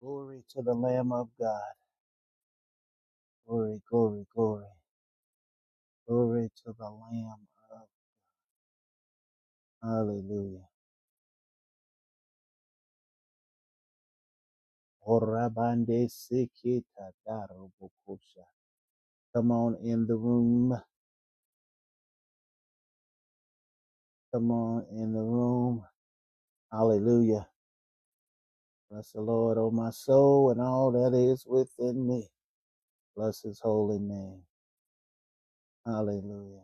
Glory to the Lamb of God. Glory, glory, glory. Glory to the Lamb of Hallelujah. Orabande sekita darobokosha. Come on in the room. Come on in the room. Hallelujah. Bless the Lord, O my soul, and all that is within me. Bless his holy name. Hallelujah.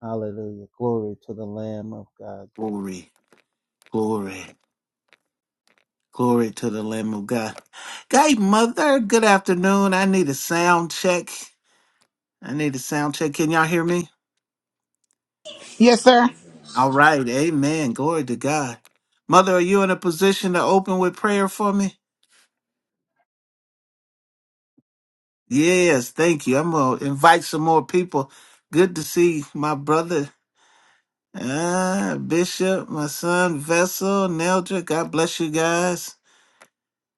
Hallelujah. Glory to the Lamb of God. Glory, glory. Glory to the Lamb of God. Hey, Mother, good afternoon. I need a sound check. I need a sound check. Can y'all hear me? Yes, sir. All right. Amen. Glory to God. Mother, are you in a position to open with prayer for me? Yes. Thank you. I'm going to invite some more people. Good to see my brother, uh, Bishop, my son, Vessel, Neldra. God bless you guys.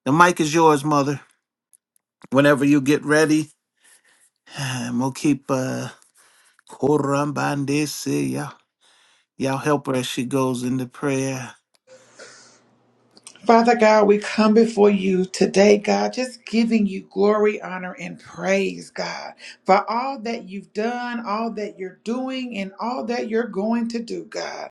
The mic is yours, Mother. Whenever you get ready, I'm going to keep. Uh, Korambandese Y'all help her as she goes into prayer. Father God, we come before you today, God, just giving you glory, honor, and praise, God, for all that you've done, all that you're doing, and all that you're going to do, God.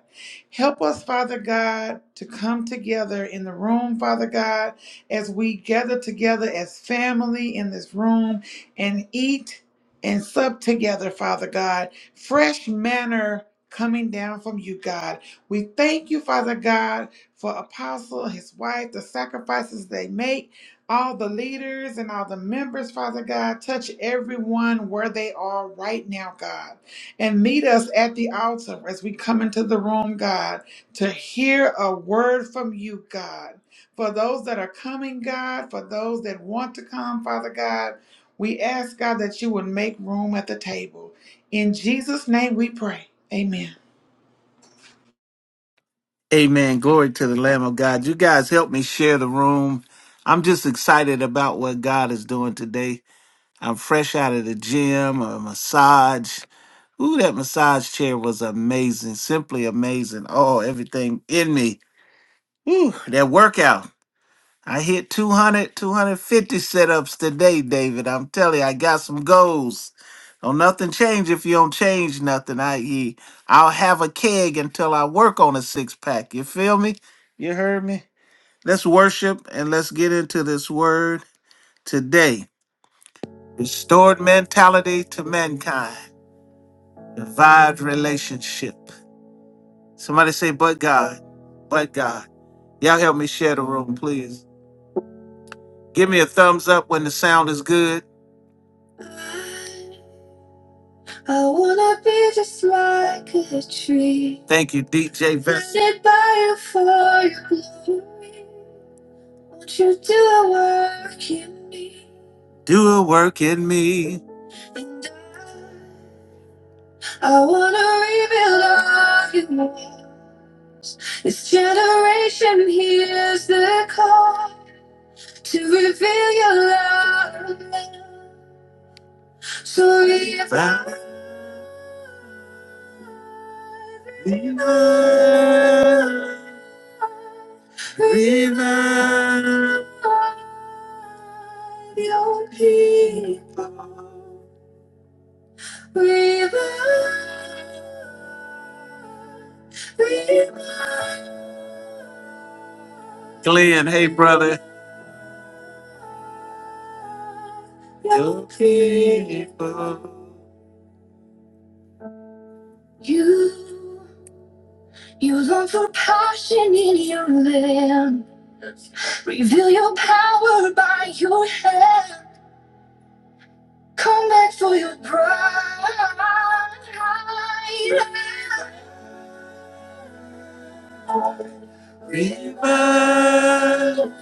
Help us, Father God, to come together in the room, Father God, as we gather together as family in this room and eat and sup together, Father God. Fresh manner coming down from you, God. We thank you, Father God for Apostle, his wife, the sacrifices they make, all the leaders and all the members, Father God. Touch everyone where they are right now, God. And meet us at the altar as we come into the room, God, to hear a word from you, God. For those that are coming, God, for those that want to come, Father God, we ask, God, that you would make room at the table. In Jesus' name we pray. Amen. Amen. Glory to the Lamb of God. You guys help me share the room. I'm just excited about what God is doing today. I'm fresh out of the gym, a massage. Ooh, that massage chair was amazing, simply amazing. Oh, everything in me. Ooh, that workout. I hit 200, 250 setups today, David. I'm telling you, I got some goals. Don't nothing change if you don't change nothing, i.e., I'll have a keg until I work on a six pack. You feel me? You heard me? Let's worship and let's get into this word today. Restored mentality to mankind, revived relationship. Somebody say, but God, but God. Y'all help me share the room, please. Give me a thumbs up when the sound is good. I wanna be just like a tree. Thank you, DJ Vince. Planted by you for your glory. Won't you do a work in me? Do a work in me. And I, I wanna rebuild all you walls. This generation hears the call to reveal your love. So if I revive, revive your people, revive, revive. Glenn, hey brother. Your people. You, you long for passion in your land. Reveal your power by your hand. Come back for your bride. Revive,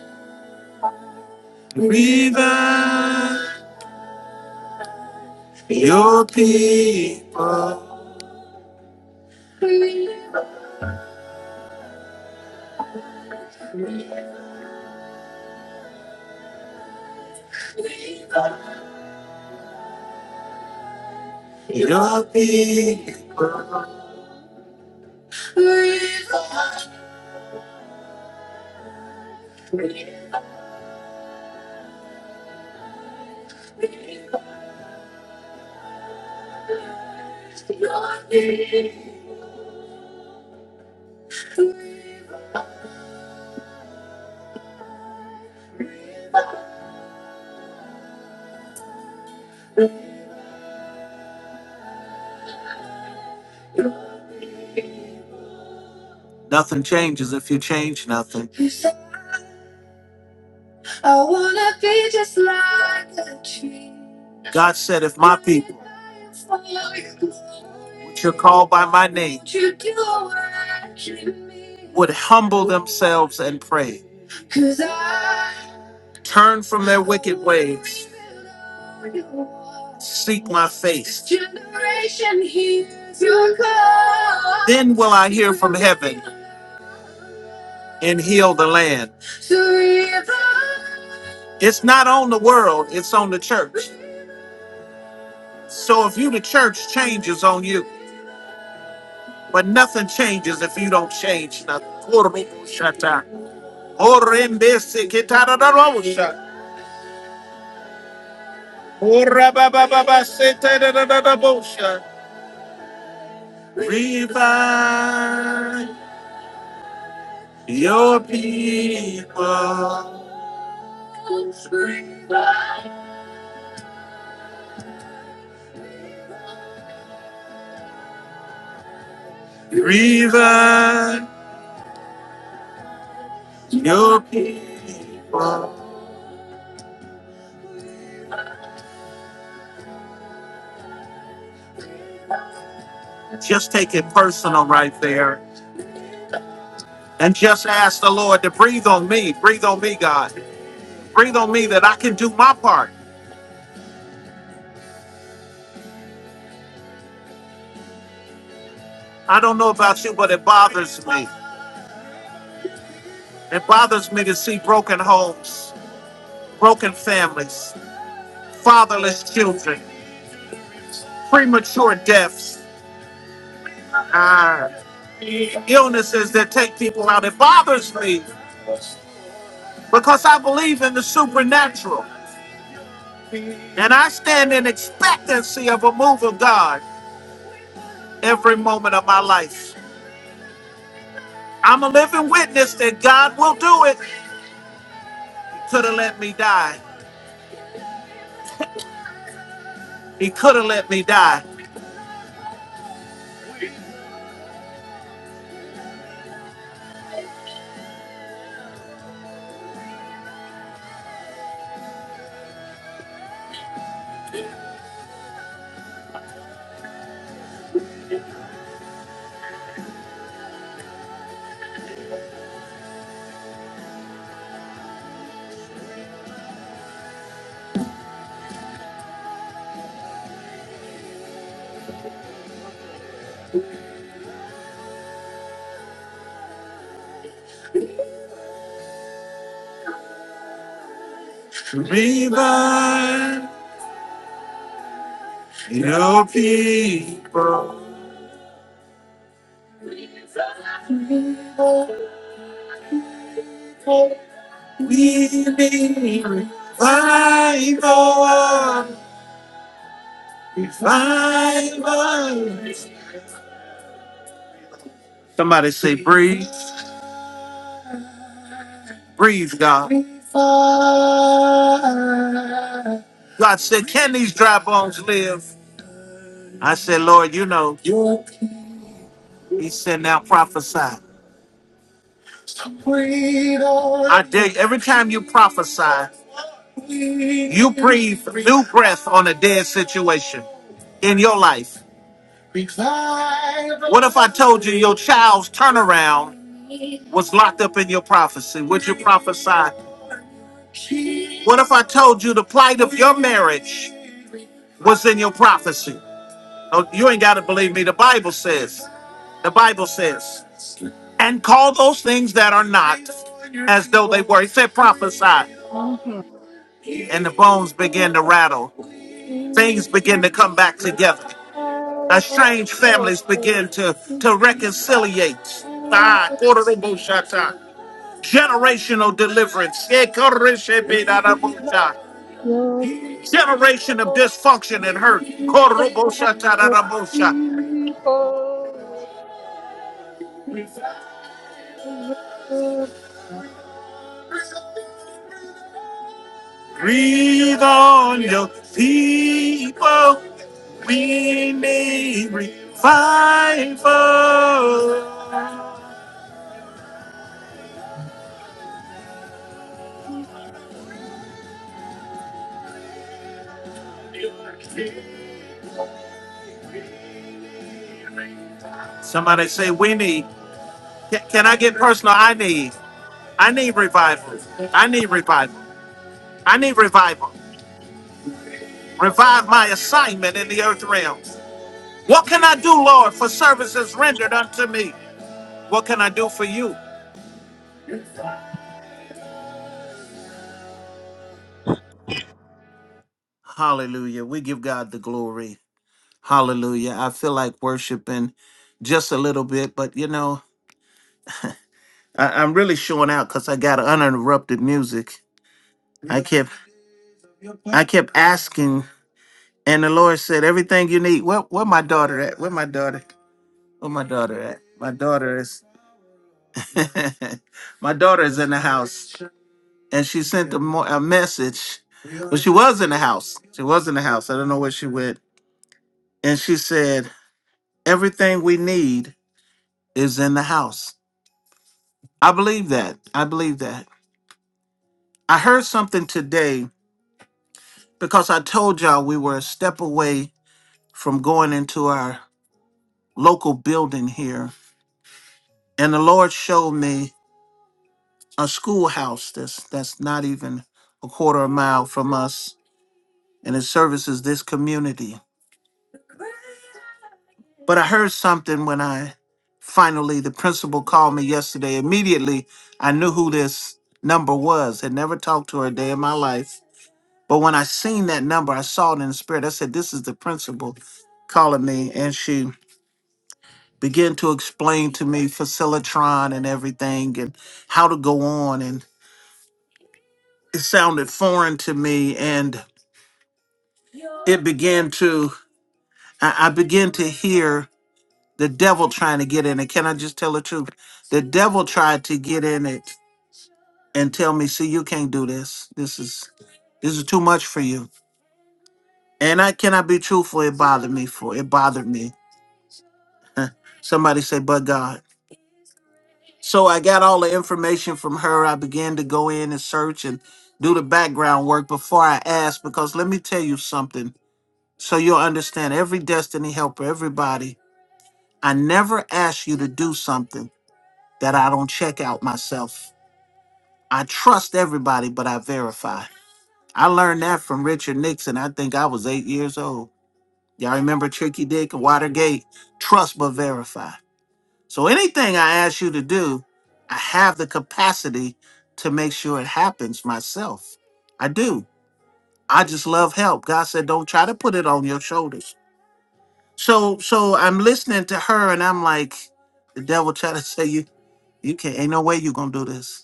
revive your people. Revive, revive your people. Revive. Nothing changes if you change nothing. I wanna be just like the tree. God said, if my people, which are called by my name, Would would humble themselves and pray. Cause I Turn from their wicked ways. Seek my face. Then will I hear from heaven and heal the land. It's not on the world, it's on the church. So if you the church changes on you, but nothing changes if you don't change nothing. Korobosata. Orembeseketadadadabosha. Orababababasetadatadabosha. Revive your people. Revive your people. Just take it personal right there. And just ask the Lord to breathe on me. Breathe on me, God. Breathe on me that I can do my part. I don't know about you, but it bothers me. It bothers me to see broken homes, broken families, fatherless children, premature deaths. Ah. illnesses that take people out. It bothers me because I believe in the supernatural and I stand in expectancy of a move of God every moment of my life. I'm a living witness that God will do it. Could have let me die. He could have let me die. Revive your people. We need revival. Fiber. Somebody say, breathe. Breathe, God. God said, can these dry bones live? I said, Lord, you know. He said, now prophesy. I dare you, every time you prophesy, you breathe new breath on a dead situation in your life. What if I told you your child's turnaround was locked up in your prophecy? Would you prophesy? What if I told you the plight of your marriage was in your prophecy? Oh, you ain't got to believe me. The Bible says, the Bible says, and call those things that are not as though they were. He said, prophesy. Mhm. And the bones begin Your to rattle, things begin to come back together. estranged families begin to, to reconciliate. Ah, Kororobo Shata. Generational deliverance. Eh, Korishepe Darabosha. Generation of dysfunction and hurt. Kororobo Shata Darabosha. people, Breathe on your people. We need revival. Somebody say, We need. Can can I get personal? I need. I need revival. I need revival. I need revival. Revive my assignment in the earth realm. What can I do, Lord, for services rendered unto me? What can I do for you? Hallelujah. We give God the glory. Hallelujah. I feel like worshiping just a little bit, but you know, I, I'm really showing out because I got uninterrupted music. I kept I kept asking, and the Lord said, Everything you need. Where where my daughter at? Where my daughter? Where my daughter at? My daughter is My daughter is in the house, and she sent a, mo- a message. Well, she was in the house. She was in the house. I don't know where she went. And she said, Everything we need is in the house. I believe that. I believe that. I heard something today because I told y'all we were a step away from going into our local building here. And the Lord showed me a schoolhouse that's, that's not even a quarter of a mile from us, and it services this community But I heard something when I finally, the principal called me yesterday. Immediately, I knew who this number was. Had never talked to her a day in my life. But when I seen that number, I saw it in the spirit. I said, This is the principal calling me. And she began to explain to me Facilitron and everything and how to go on. And it sounded foreign to me. And it began to, I I began to hear. the devil trying to get in it. Can I just tell the truth? The devil tried to get in it and tell me, see, you can't do this. This is this is too much for you. And I cannot be truthful. It bothered me for it bothered me. Somebody say, but God. So I got all the information from her. I began to go in and search and do the background work before I asked, because let me tell you something. So you'll understand every destiny helper, everybody. I never ask you to do something that I don't check out myself. I trust everybody, but I verify. I learned that from Richard Nixon. I think I was eight years old. Y'all remember Tricky Dick, Watergate? Trust but verify. So anything I ask you to do, I have the capacity to make sure it happens myself. I do. I just love help. God said, don't try to put it on your shoulders. So, so I'm listening to her, and I'm like, the devil trying to say you, you can't. Ain't no way you gonna do this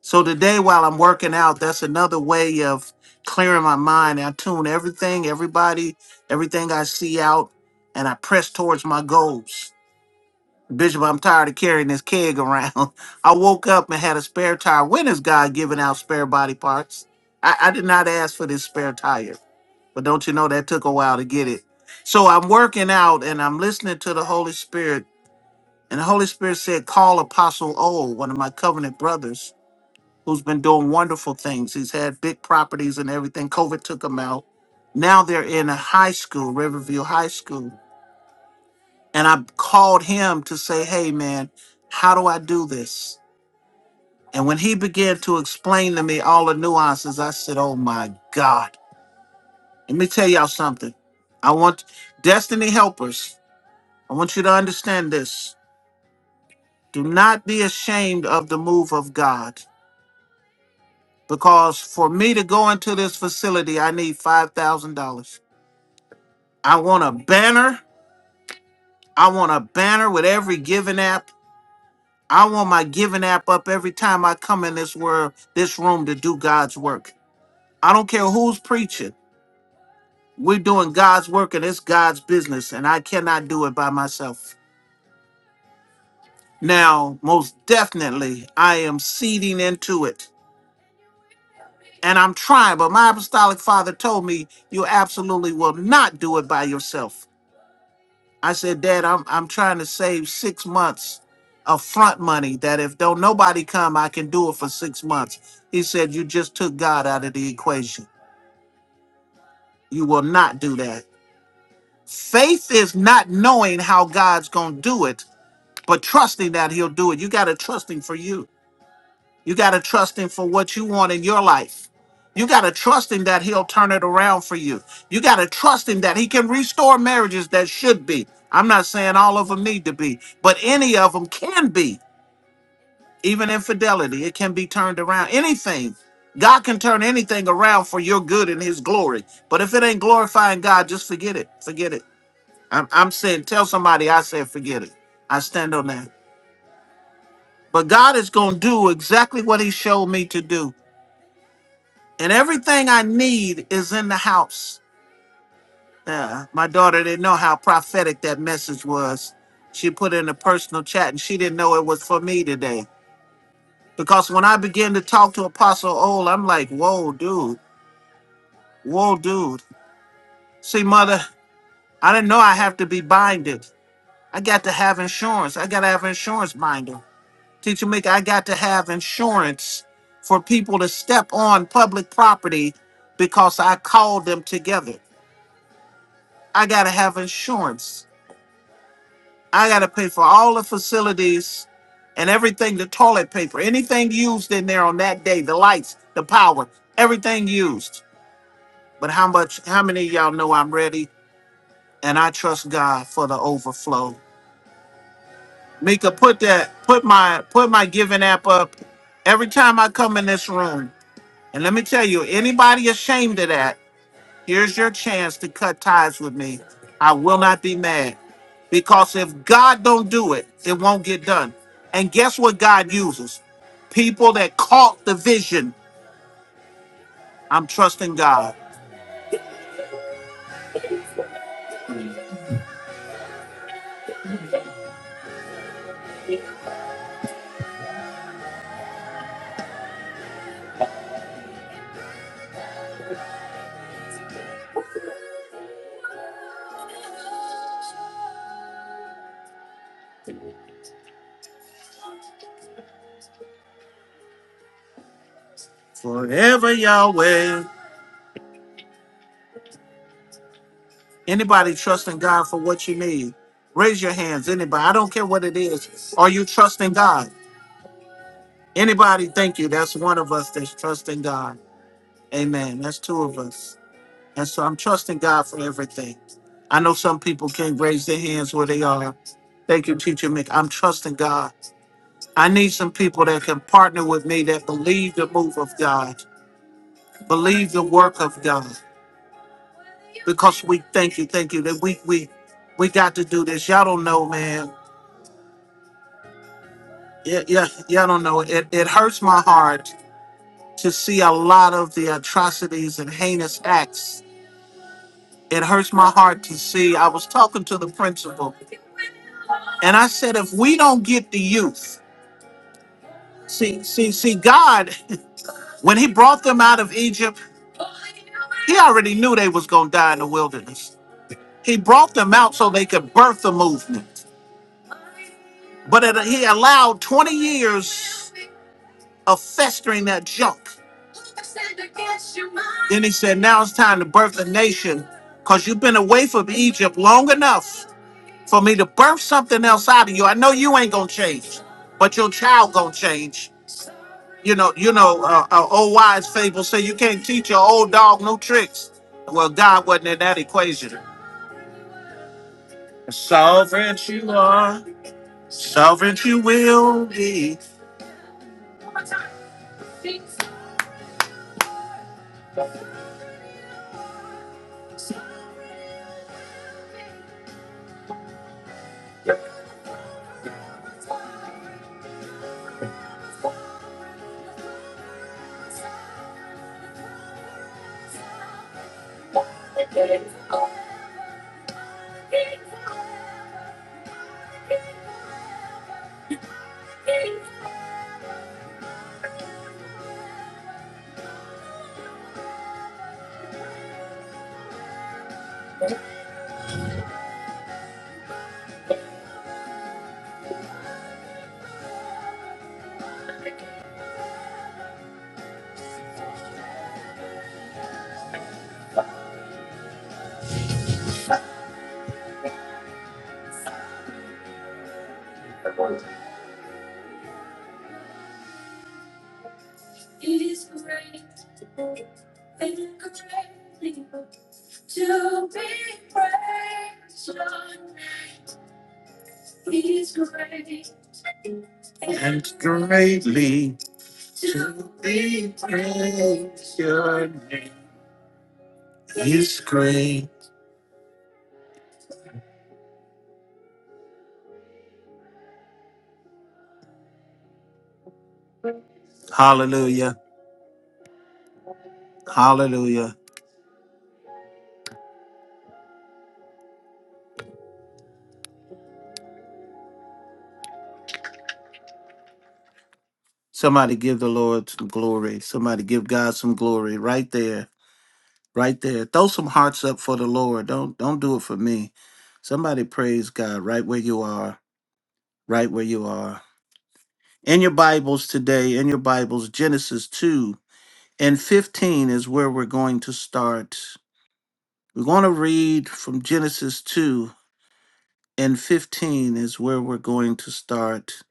So today, while I'm working out, that's another way of clearing my mind. I tune everything, everybody, everything I see out, and I press towards my goals. Bishop, I'm tired of carrying this keg around. I woke up and had a spare tire. When is God giving out spare body parts? I, I did not ask for this spare tire, but don't you know that took a while to get it? So I'm working out and I'm listening to the Holy Spirit. And the Holy Spirit said, Call Apostle O, one of my covenant brothers who's been doing wonderful things. He's had big properties and everything. COVID took him out. Now they're in a high school, Riverview High School. And I called him to say, hey, man, how do I do this? And when he began to explain to me all the nuances, I said, oh my God. Let me tell y'all something. I want Destiny Helpers, I want you to understand this. Do not be ashamed of the move of God because for me to go into this facility, I need $5,000. I want a banner. I want a banner with every giving app. I want my giving app up every time I come in this world, this room to do God's work. I don't care who's preaching. We're doing God's work and it's God's business, and I cannot do it by myself. Now, most definitely, I am seeding into it. And I'm trying, but my apostolic father told me you absolutely will not do it by yourself. I said, Dad, I'm I'm trying to save six months of front money that if don't nobody come, I can do it for six months. He said, You just took God out of the equation. You will not do that. Faith is not knowing how God's gonna do it, but trusting that he'll do it. You gotta trust him for you. You got to trust him for what you want in your life. You got to trust him that he'll turn it around for you. You got to trust him that he can restore marriages that should be. I'm not saying all of them need to be, but any of them can be. Even infidelity, it can be turned around. Anything. God can turn anything around for your good and his glory. But if it ain't glorifying God, just forget it. Forget it. I'm, I'm saying, tell somebody I said forget it. I stand on that. But God is going to do exactly what he showed me to do. and everything I need is in the house. Yeah, my daughter didn't know how prophetic that message was. She put in a personal chat and she didn't know it was for me today. Because when I began to talk to Apostle Ole, I'm like, whoa, dude, whoa, dude. See, mother, I didn't know I have to be binded. I got to have insurance. I got to have insurance binder. Teacher Mick, I got to have insurance for people to step on public property because I called them together. I got to have insurance. I got to pay for all the facilities and everything the toilet paper, anything used in there on that day, the lights, the power, everything used. But how much, how many of y'all know I'm ready and I trust God for the overflow? Mika, put that, put my, put my giving app up every time I come in this room. And let me tell you, anybody ashamed of that, Here's your chance to cut ties with me. I will not be mad. Because if God don't do it, it won't get done. And guess what God uses? People that caught the vision. I'm trusting God. Forever Yahweh. Anybody trusting God for what you need? Raise your hands. Anybody. I don't care what it is. Are you trusting God? Anybody? Thank you. That's one of us that's trusting God. Amen. That's two of us. And so I'm trusting God for everything. I know some people can't raise their hands where they are. Thank you, Teacher Mick. I'm trusting God. I need some people that can partner with me that believe the move of God, believe the work of God. Because we thank you, thank you. That we we we got to do this. Y'all don't know, man. Yeah, yeah, y'all don't know. It it hurts my heart to see a lot of the atrocities and heinous acts It hurts my heart to see. I was talking to the principal, and I said, if we don't get the youth, see, see, see, God, when He brought them out of Egypt, He already knew they was gonna die in the wilderness. He brought them out so they could birth the movement, but it, He allowed 20 years of festering that junk. Then He said, now it's time to birth the nation, cause you've been away from Egypt long enough. for me to birth something else out of you. I know you ain't gonna change, but your child gonna change. You know, you know, uh, uh, old wise fable say you can't teach your old dog new tricks. Well, God wasn't in that equation. Sovereign you are, sovereign you will be. And greatly to be praised. Your name is great. Hallelujah. Hallelujah. Somebody give the Lord some glory. Somebody give God some glory right there. Right there. Throw some hearts up for the Lord. Don't don't do it for me. Somebody praise God right where you are. Right where you are. In your Bibles today, in your Bibles, Genesis 2 and 15 is where we're going to start. We're going to read from Genesis 2 and 15 is where we're going to start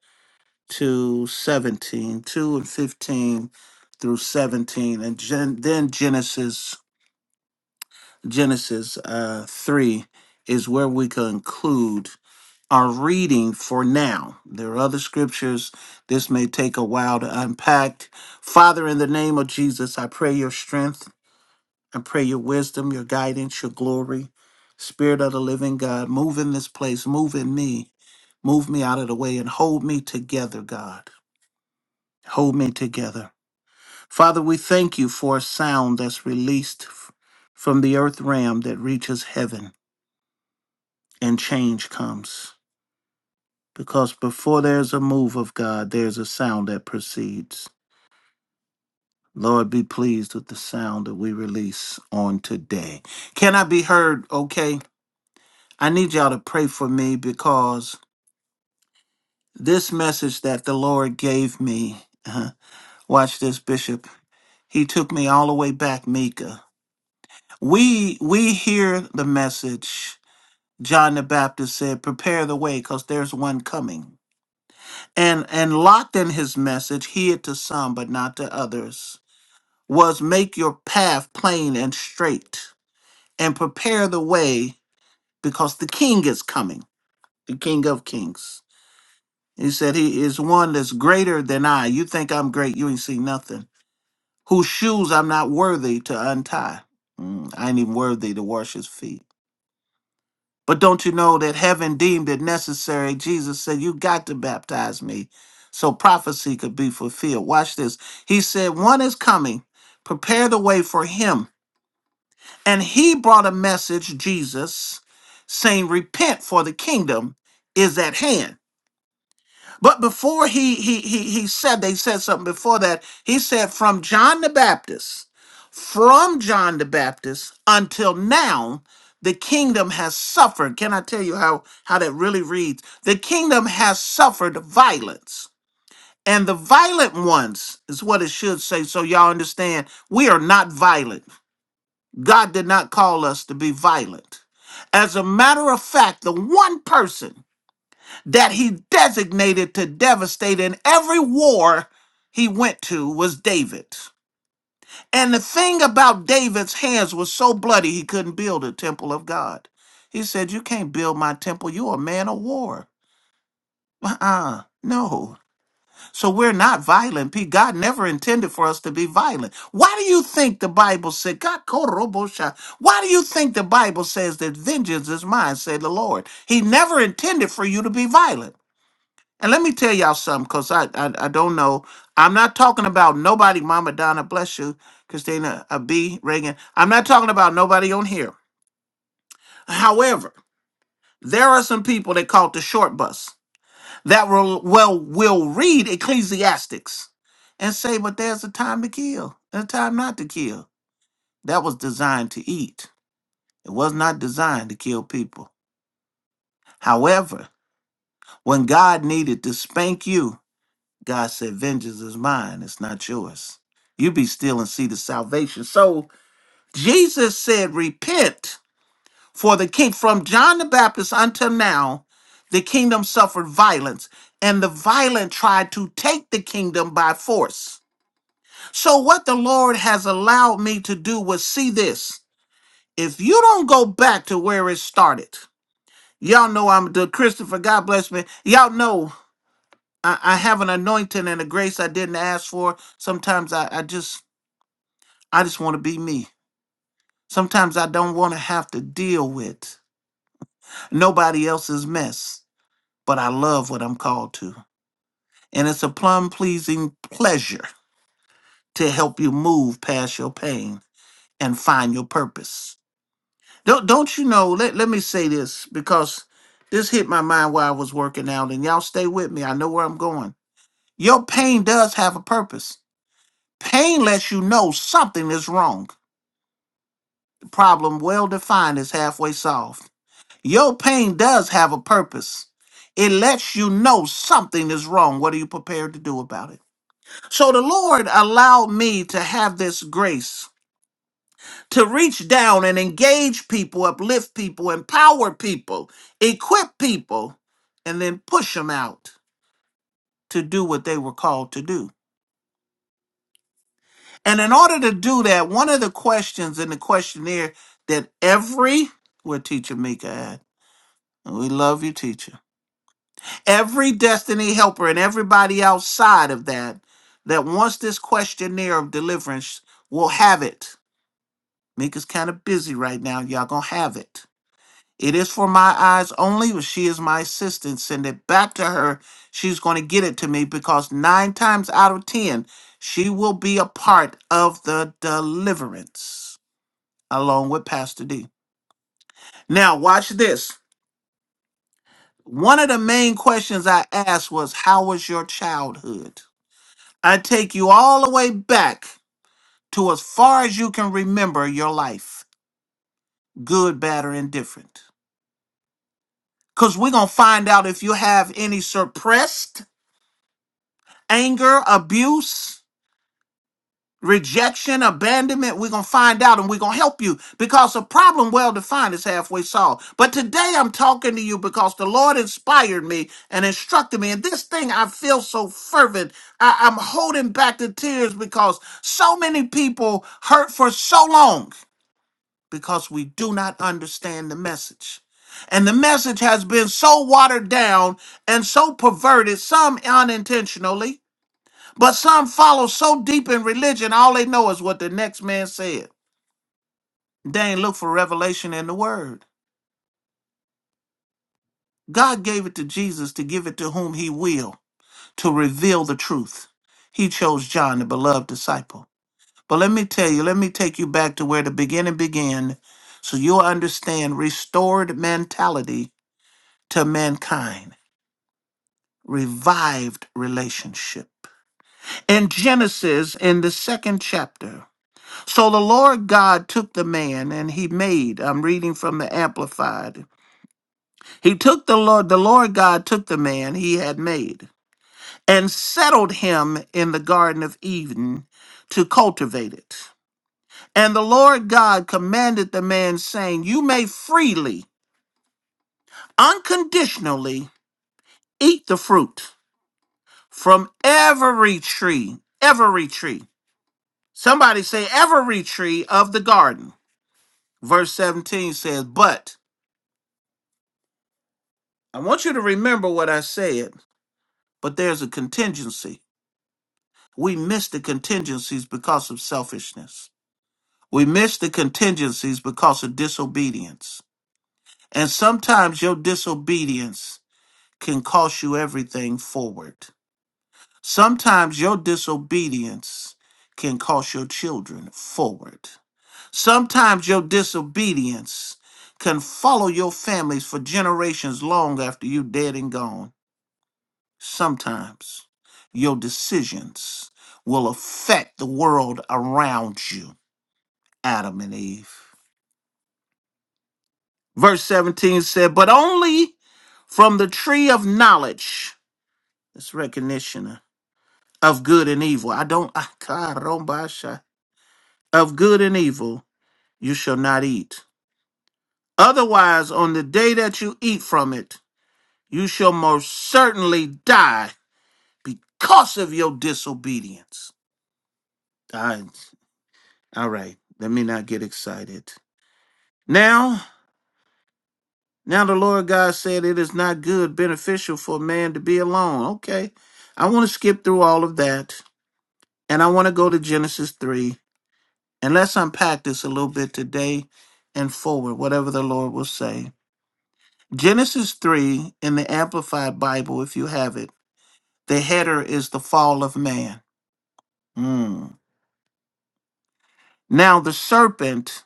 to 17 2 and 15 through 17 and gen- then genesis genesis uh, 3 is where we conclude our reading for now there are other scriptures this may take a while to unpack father in the name of jesus i pray your strength I pray your wisdom, your guidance, your glory. Spirit of the living God, move in this place, move in me, move me out of the way, and hold me together, God. Hold me together. Father, we thank you for a sound that's released f- from the earth realm that reaches heaven and change comes. Because before there's a move of God, there's a sound that proceeds. Lord, be pleased with the sound that we release on today. Can I be heard? Okay. I need y'all to pray for me because this message that the Lord gave me, uh, watch this, Bishop. He took me all the way back, Mika. We we hear the message. John the Baptist said, "Prepare the way, because there's one coming." And and locked in his message, heed to some but not to others, was make your path plain and straight, and prepare the way, because the King is coming, the King of Kings. He said, He is one that's greater than I. You think I'm great, you ain't seen nothing. Whose shoes I'm not worthy to untie. Mm, I ain't even worthy to wash his feet. But don't you know that heaven deemed it necessary? Jesus said, You got to baptize me so prophecy could be fulfilled. Watch this. He said, One is coming, prepare the way for him. And he brought a message, Jesus, saying, Repent, for the kingdom is at hand. But before he he he he said they said something before that. He said from John the Baptist, from John the Baptist until now, the kingdom has suffered. Can I tell you how how that really reads? The kingdom has suffered violence. And the violent ones is what it should say so y'all understand we are not violent. God did not call us to be violent. As a matter of fact, the one person that he designated to devastate in every war he went to was David. And the thing about David's hands was so bloody he couldn't build a temple of God. He said, You can't build my temple. You're a man of war. Uh uh No. So we're not violent. P. God never intended for us to be violent. Why do you think the Bible said, God, korobosha, why do you think the Bible says that vengeance is mine, said the Lord? He never intended for you to be violent. And let me tell y'all something, because I, I I don't know. I'm not talking about nobody, Mama Donna, bless you, Christina uh, B. Reagan. I'm not talking about nobody on here. However, there are some people that caught the short bus that will well will read Ecclesiastics and say, but there's a time to kill and a time not to kill. That was designed to eat. It was not designed to kill people. However, when God needed to spank you God said, Vengeance is mine, it's not yours. You be still and see the salvation. So Jesus said, Repent for the king. From John the Baptist until now, the kingdom suffered violence, and the violent tried to take the kingdom by force. So, what the Lord has allowed me to do was see this. If you don't go back to where it started, y'all know I'm the Christopher, God bless me. Y'all know I, I have an anointing and a grace I didn't ask for. Sometimes I, I just I just want to be me. Sometimes I don't want to have to deal with nobody else's mess, but I love what I'm called to. And it's a plum pleasing pleasure to help you move past your pain and find your purpose. Don't don't you know, let, let me say this because this hit my mind while I was working out, and y'all stay with me. I know where I'm going. Your pain does have a purpose. Pain lets you know something is wrong. The problem, well defined, is halfway solved. Your pain does have a purpose. It lets you know something is wrong. What are you prepared to do about it? So the Lord allowed me to have this grace to reach down and engage people, uplift people, empower people, equip people, and then push them out to do what they were called to do. And in order to do that, one of the questions in the questionnaire that every, where teacher Mika at? We love you, teacher. Every destiny helper and everybody outside of that that wants this questionnaire of deliverance will have it. Mika's kind of busy right now. Y'all gonna have it. It is for my eyes only, but she is my assistant. Send it back to her. She's gonna get it to me because nine times out of ten, she will be a part of the deliverance. along with Pastor D. Now, watch this. One of the main questions I asked was, How was your childhood? I take you all the way back to as far as you can remember your life, good, bad, or indifferent. Because we're going to find out if you have any suppressed anger, abuse. rejection, abandonment, we're going to find out and we're going to help you because a problem well defined is halfway solved. But today I'm talking to you because the Lord inspired me and instructed me. And this thing I feel so fervent. I, I'm holding back the tears because so many people hurt for so long because we do not understand the message. And the message has been so watered down and so perverted, some unintentionally but some follow so deep in religion, all they know is what the next man said. They ain't look for revelation in the word. God gave it to Jesus to give it to whom he will, to reveal the truth. He chose John, the beloved disciple. But let me tell you, let me take you back to where the beginning began so you'll understand restored mentality to mankind, revived relationship. In Genesis, in the second chapter, So the Lord God took the man and he made, I'm reading from the Amplified. He took the Lord, the Lord God took the man he had made and settled him in the Garden of Eden to cultivate it. And the Lord God commanded the man, saying, You may freely, unconditionally eat the fruit from every tree, every tree. Somebody say, every tree of the garden. Verse 17 says, But I want you to remember what I said, but there's a contingency. We miss the contingencies because of selfishness. We miss the contingencies because of disobedience. And sometimes your disobedience can cost you everything forward. Sometimes your disobedience can cost your children forward. Sometimes your disobedience can follow your families for generations long after you're dead and gone. Sometimes your decisions will affect the world around you, Adam and Eve. Verse 17 said, But only from the tree of knowledge, this recognition of good and evil. I don't, I- Karombasha. of good and evil, you shall not eat. Otherwise, on the day that you eat from it, you shall most certainly die because of your disobedience. Die. All right, let me not get excited. Now, now the Lord God said it is not good, beneficial for a man to be alone. Okay, I want to skip through all of that and I want to go to Genesis 3 and let's unpack this a little bit today and forward, whatever the Lord will say. Genesis 3 in the Amplified Bible, if you have it, the header is the fall of man. Mm. Now, the serpent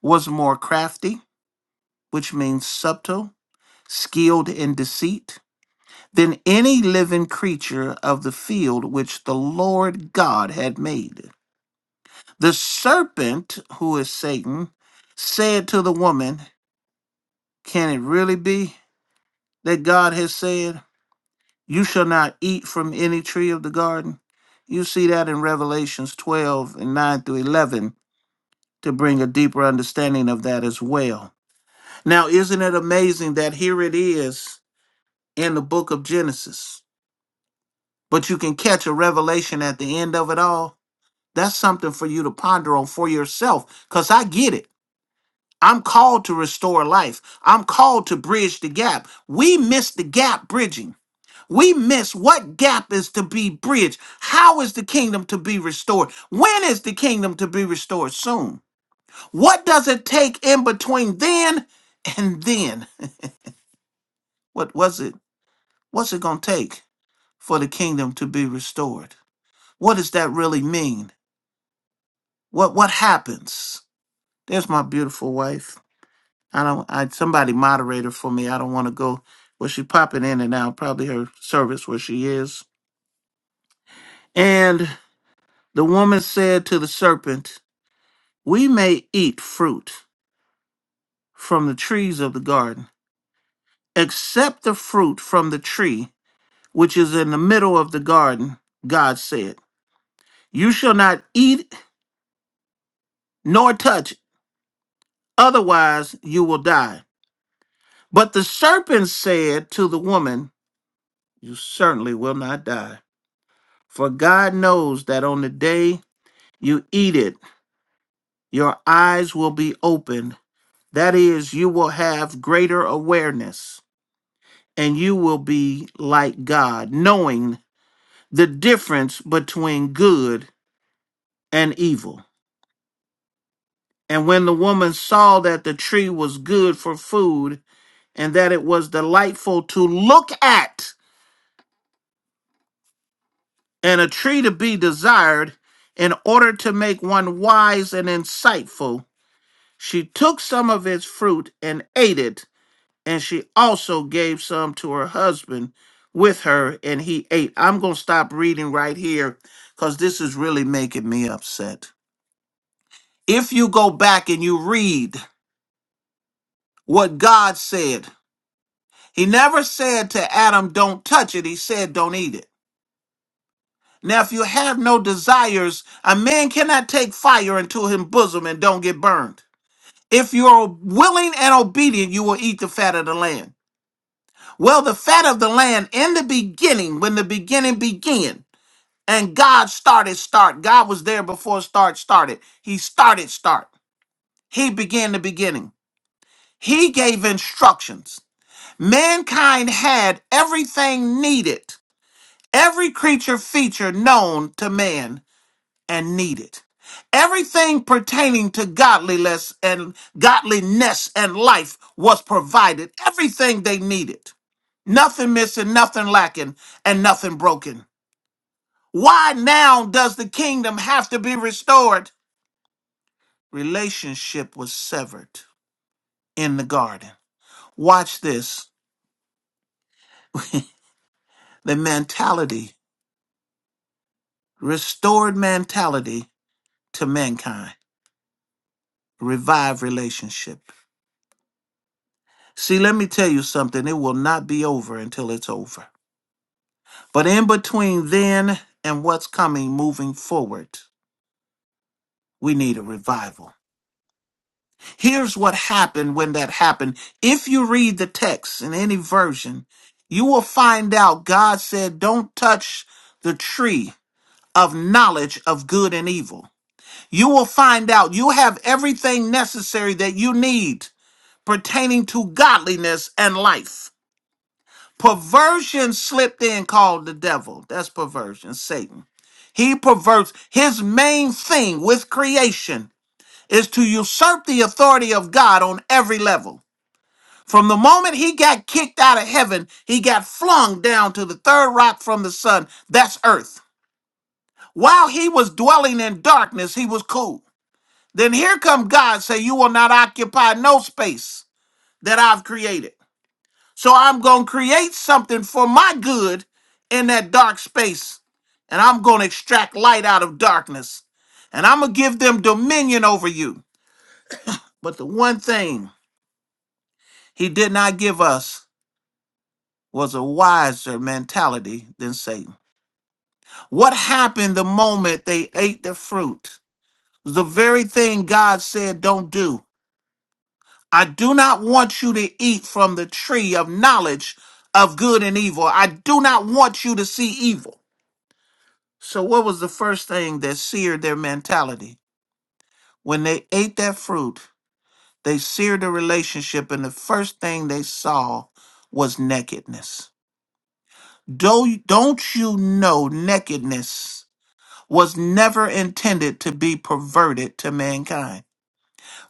was more crafty, which means subtle, skilled in deceit than any living creature of the field which the Lord God had made. The serpent, who is Satan, said to the woman, Can it really be that God has said, 'You shall not eat from any tree of the garden? You see that in Revelations 12 and 9 through 11 to bring a deeper understanding of that as well. Now, isn't it amazing that here it is in the book of Genesis, but you can catch a revelation at the end of it all? That's something for you to ponder on for yourself because I get it. I'm called to restore life. I'm called to bridge the gap. We miss the gap bridging. We miss what gap is to be bridged. How is the kingdom to be restored? When is the kingdom to be restored? Soon. What does it take in between then and then? What was it? What's it going to take for the kingdom to be restored? What does that really mean? What what happens? There's my beautiful wife. I don't. I somebody moderator for me. I don't want to go. Well, she popping in and out. Probably her service where she is. And the woman said to the serpent, "We may eat fruit from the trees of the garden, except the fruit from the tree which is in the middle of the garden." God said, "You shall not eat nor touch; otherwise, you will die." But the serpent said to the woman, "You certainly will not die." For God knows that on the day you eat it, your eyes will be opened. That is, you will have greater awareness and you will be like God, knowing the difference between good and evil. And when the woman saw that the tree was good for food and that it was delightful to look at and a tree to be desired in order to make one wise and insightful, She took some of its fruit and ate it, and she also gave some to her husband with her, and he ate. I'm going to stop reading right here because this is really making me upset. If you go back and you read what God said, He never said to Adam, Don't touch it. He said, Don't eat it. Now, if you have no desires, a man cannot take fire into his bosom and don't get burned. If you're willing and obedient, you will eat the fat of the land. Well, the fat of the land in the beginning, when the beginning began, and God started start. God was there before start started. He started start. He began the beginning. He gave instructions. Mankind had everything needed, every creature feature known to man and needed. Everything pertaining to godliness and godliness and life was provided. Everything they needed. Nothing missing, nothing lacking, and nothing broken. Why now does the kingdom have to be restored? Relationship was severed in the garden. Watch this. the mentality, restored mentality to mankind, revive relationship. See, let me tell you something. It will not be over until it's over. But in between then and what's coming moving forward, we need a revival. Here's what happened when that happened. If you read the text in any version, you will find out God said, Don't touch the tree of knowledge of good and evil. You will find out you have everything necessary that you need pertaining to godliness and life Perversion slipped in, called the devil. That's perversion, Satan. He perverts his main thing with creation is to usurp the authority of God on every level. From the moment he got kicked out of heaven, he got flung down to the third rock from the sun. That's earth. While he was dwelling in darkness, he was cool. Then here come God say, You will not occupy no space that I've created. So I'm going to create something for my good in that dark space. And I'm going to extract light out of darkness. And I'm going to give them dominion over you. But the one thing he did not give us was a wiser mentality than Satan. What happened the moment they ate the fruit? The very thing God said, don't do. I do not want you to eat from the tree of knowledge of good and evil. I do not want you to see evil. So, what was the first thing that seared their mentality? When they ate that fruit, they seared the relationship, and the first thing they saw was nakedness. Do, don't you know nakedness was never intended to be perverted to mankind?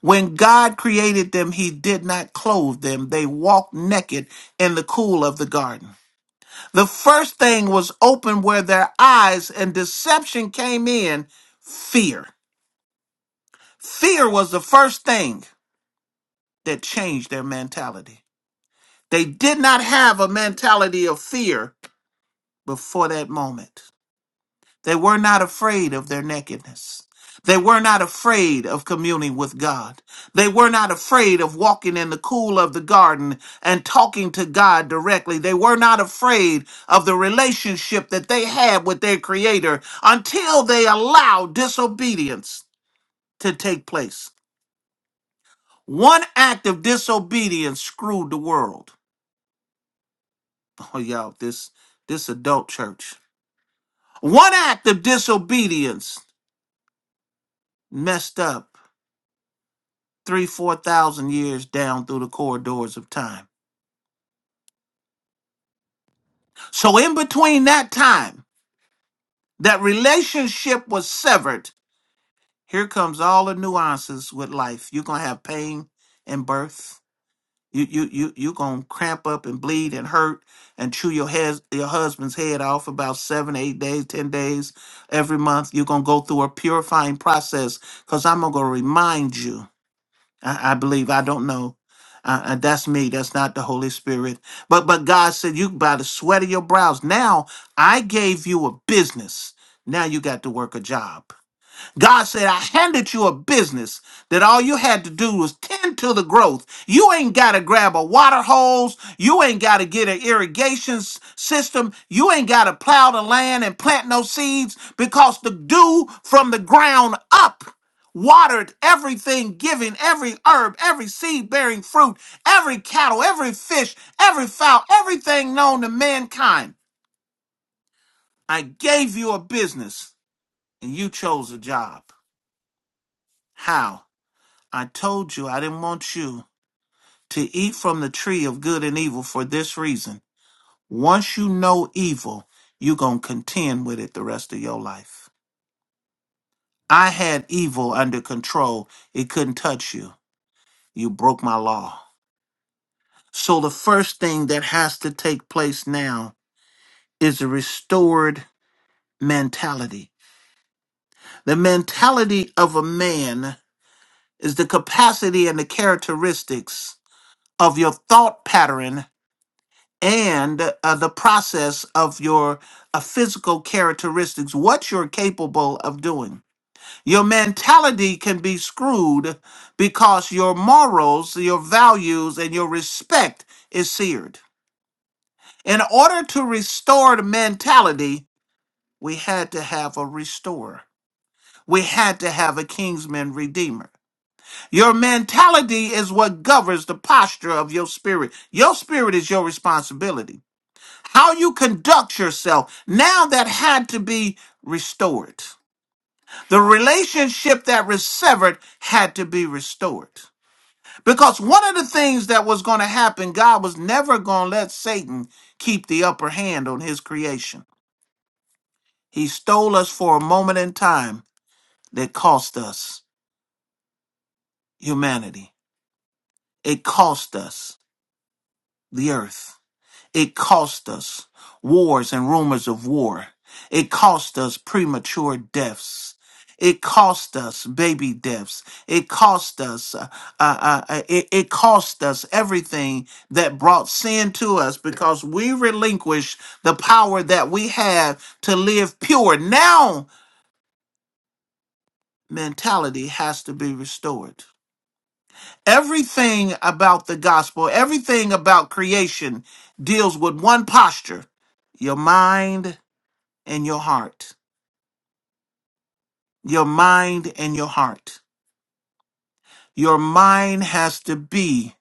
When God created them, He did not clothe them. They walked naked in the cool of the garden. The first thing was open where their eyes and deception came in fear. Fear was the first thing that changed their mentality. They did not have a mentality of fear before that moment. They were not afraid of their nakedness. They were not afraid of communing with God. They were not afraid of walking in the cool of the garden and talking to God directly. They were not afraid of the relationship that they had with their Creator until they allowed disobedience to take place. One act of disobedience screwed the world. Oh, y'all, this this adult church. One act of disobedience messed up three, four thousand years down through the corridors of time. So in between that time, that relationship was severed. Here comes all the nuances with life. You're gonna have pain and birth. You you you you gonna cramp up and bleed and hurt and chew your head your husband's head off about seven, eight days, ten days every month. You're gonna go through a purifying process because I'm gonna remind you. I, I believe I don't know. Uh, uh, that's me. That's not the Holy Spirit. But but God said you by the sweat of your brows. Now I gave you a business. Now you got to work a job. God said, I handed you a business that all you had to do was tend to the growth. You ain't got to grab a water hose. You ain't got to get an irrigation s- system. You ain't got to plow the land and plant no seeds because the dew from the ground up watered everything giving every herb, every seed bearing fruit, every cattle, every fish, every fowl, everything known to mankind. I gave you a business and you chose a job. How? I told you I didn't want you to eat from the tree of good and evil for this reason. Once you know evil, you're going to contend with it the rest of your life. I had evil under control. It couldn't touch you. You broke my law. So the first thing that has to take place now is a restored mentality. The mentality of a man is the capacity and the characteristics of your thought pattern and uh, the process of your uh, physical characteristics, what you're capable of doing. Your mentality can be screwed because your morals, your values, and your respect is seared. In order to restore the mentality, we had to have a restorer. We had to have a kingsman redeemer. Your mentality is what governs the posture of your spirit. Your spirit is your responsibility. how you conduct yourself. Now that had to be restored. The relationship that was severed had to be restored. Because one of the things that was going to happen, God was never going to let Satan keep the upper hand on his creation. He stole us for a moment in time that cost us humanity, it cost us the earth. It cost us wars and rumors of war. It cost us premature deaths. It cost us baby deaths. It cost us. Uh, uh, uh, uh, it, it cost us everything that brought sin to us because we relinquished the power that we have to live pure. Now mentality has to be restored. Everything about the gospel, everything about creation deals with one posture your mind, and your heart. Your mind and your heart. Your mind has to be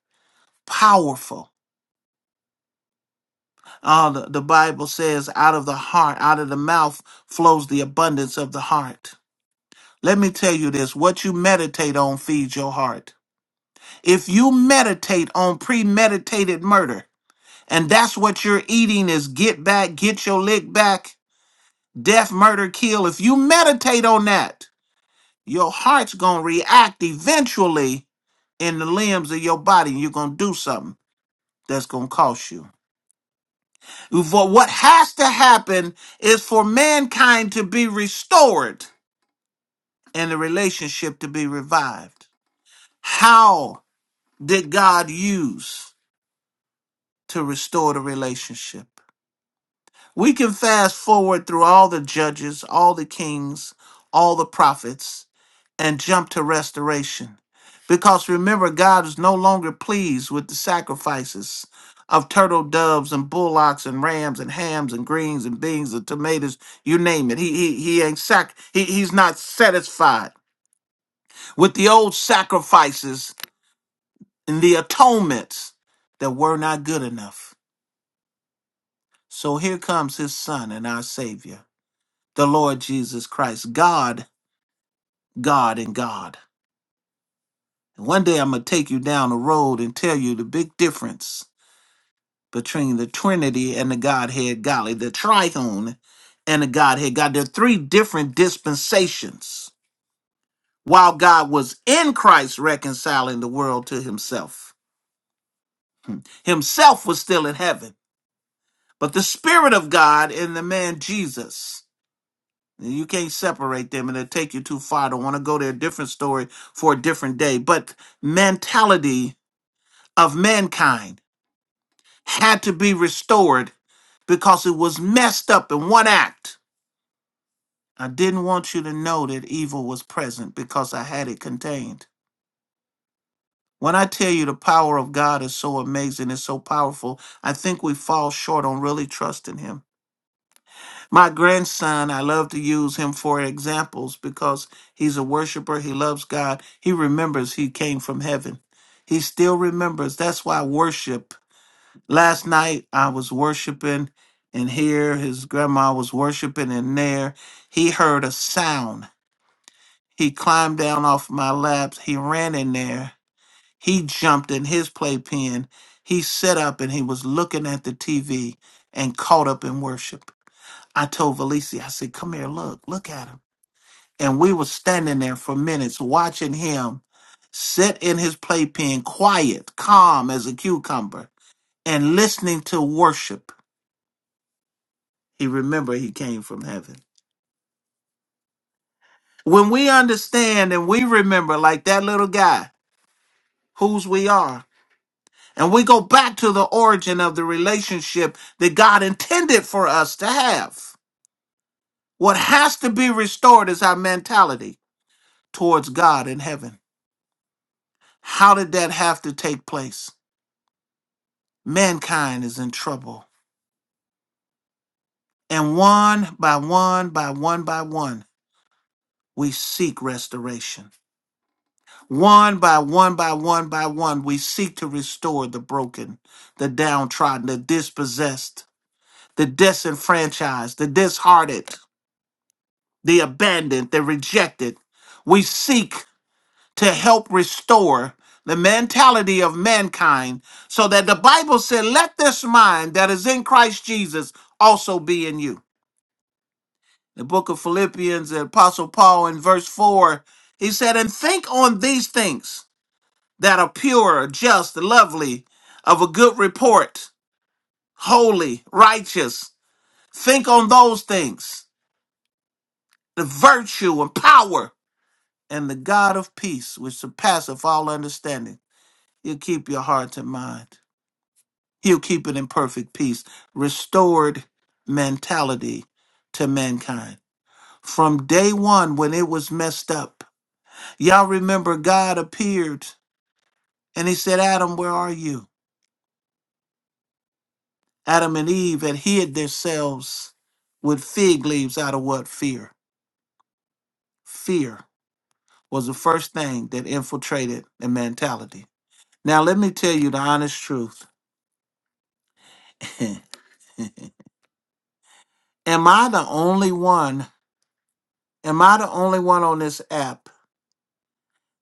powerful. Uh, the, the Bible says, out of the heart, out of the mouth flows the abundance of the heart. Let me tell you this what you meditate on feeds your heart. If you meditate on premeditated murder, and that's what you're eating is get back, get your lick back, death, murder, kill. If you meditate on that, Your heart's gonna react eventually in the limbs of your body, and you're gonna do something that's gonna cost you. For what has to happen is for mankind to be restored and the relationship to be revived. How did God use to restore the relationship? We can fast forward through all the judges, all the kings, all the prophets, and jump to restoration. Because remember, God is no longer pleased with the sacrifices of turtle doves and bullocks and rams and hams and greens and beans and tomatoes, you name it. He he he ain't sac he, he's not satisfied with the old sacrifices and the atonements that were not good enough. So here comes his son and our savior. the Lord Jesus Christ. God, God, and God. And one day I'm going to take you down the road and tell you the big difference between the Trinity and the Godhead Golly, the Triune and the Godhead God. There are three different dispensations. While God was in Christ reconciling the world to himself, himself was still in heaven. But the Spirit of God in the man Jesus You can't separate them and it'll take you too far. I don't want to go there. different story for a different day. But mentality of mankind had to be restored because it was messed up in one act. I didn't want you to know that evil was present because I had it contained. When I tell you the power of God is so amazing, it's so powerful, I think we fall short on really trusting Him. My grandson, I love to use him for examples because he's a worshiper. He loves God. He remembers he came from heaven. He still remembers. That's why worship. Last night I was worshiping, and here his grandma was worshiping, and there he heard a sound. He climbed down off my laps. He ran in there. He jumped in his playpen. He sat up and he was looking at the TV and caught up in worship. I told Valencia, I said, come here, look, look at him. And we were standing there for minutes watching him sit in his playpen, quiet, calm as a cucumber, and listening to worship. He remembered he came from heaven. When we understand and we remember, like that little guy, whose we are, and we go back to the origin of the relationship that God intended for us to have, what has to be restored is our mentality towards God in heaven How did that have to take place? Mankind is in trouble. And one by one by one by one, we seek restoration. One by one by one by one, we seek to restore the broken, the downtrodden, the dispossessed, the disenfranchised, the disheartened, the abandoned, the rejected. We seek to help restore the mentality of mankind so that the Bible said, let this mind that is in Christ Jesus also be in you. The book of Philippians, the Apostle Paul in verse 4, he said, and think on these things that are pure, just, lovely, of a good report, holy, righteous. Think on those things, the virtue and power, and the God of peace, which surpasseth all understanding. He'll keep your heart and mind. He'll keep it in perfect peace. Restored mentality to mankind. From day one, when it was messed up, y'all remember God appeared and he said, Adam, where are you? Adam and Eve had hid themselves with fig leaves out of what? Fear. Fear was the first thing that infiltrated the mentality. Now, let me tell you the honest truth. am I the only one? Am I the only one on this app?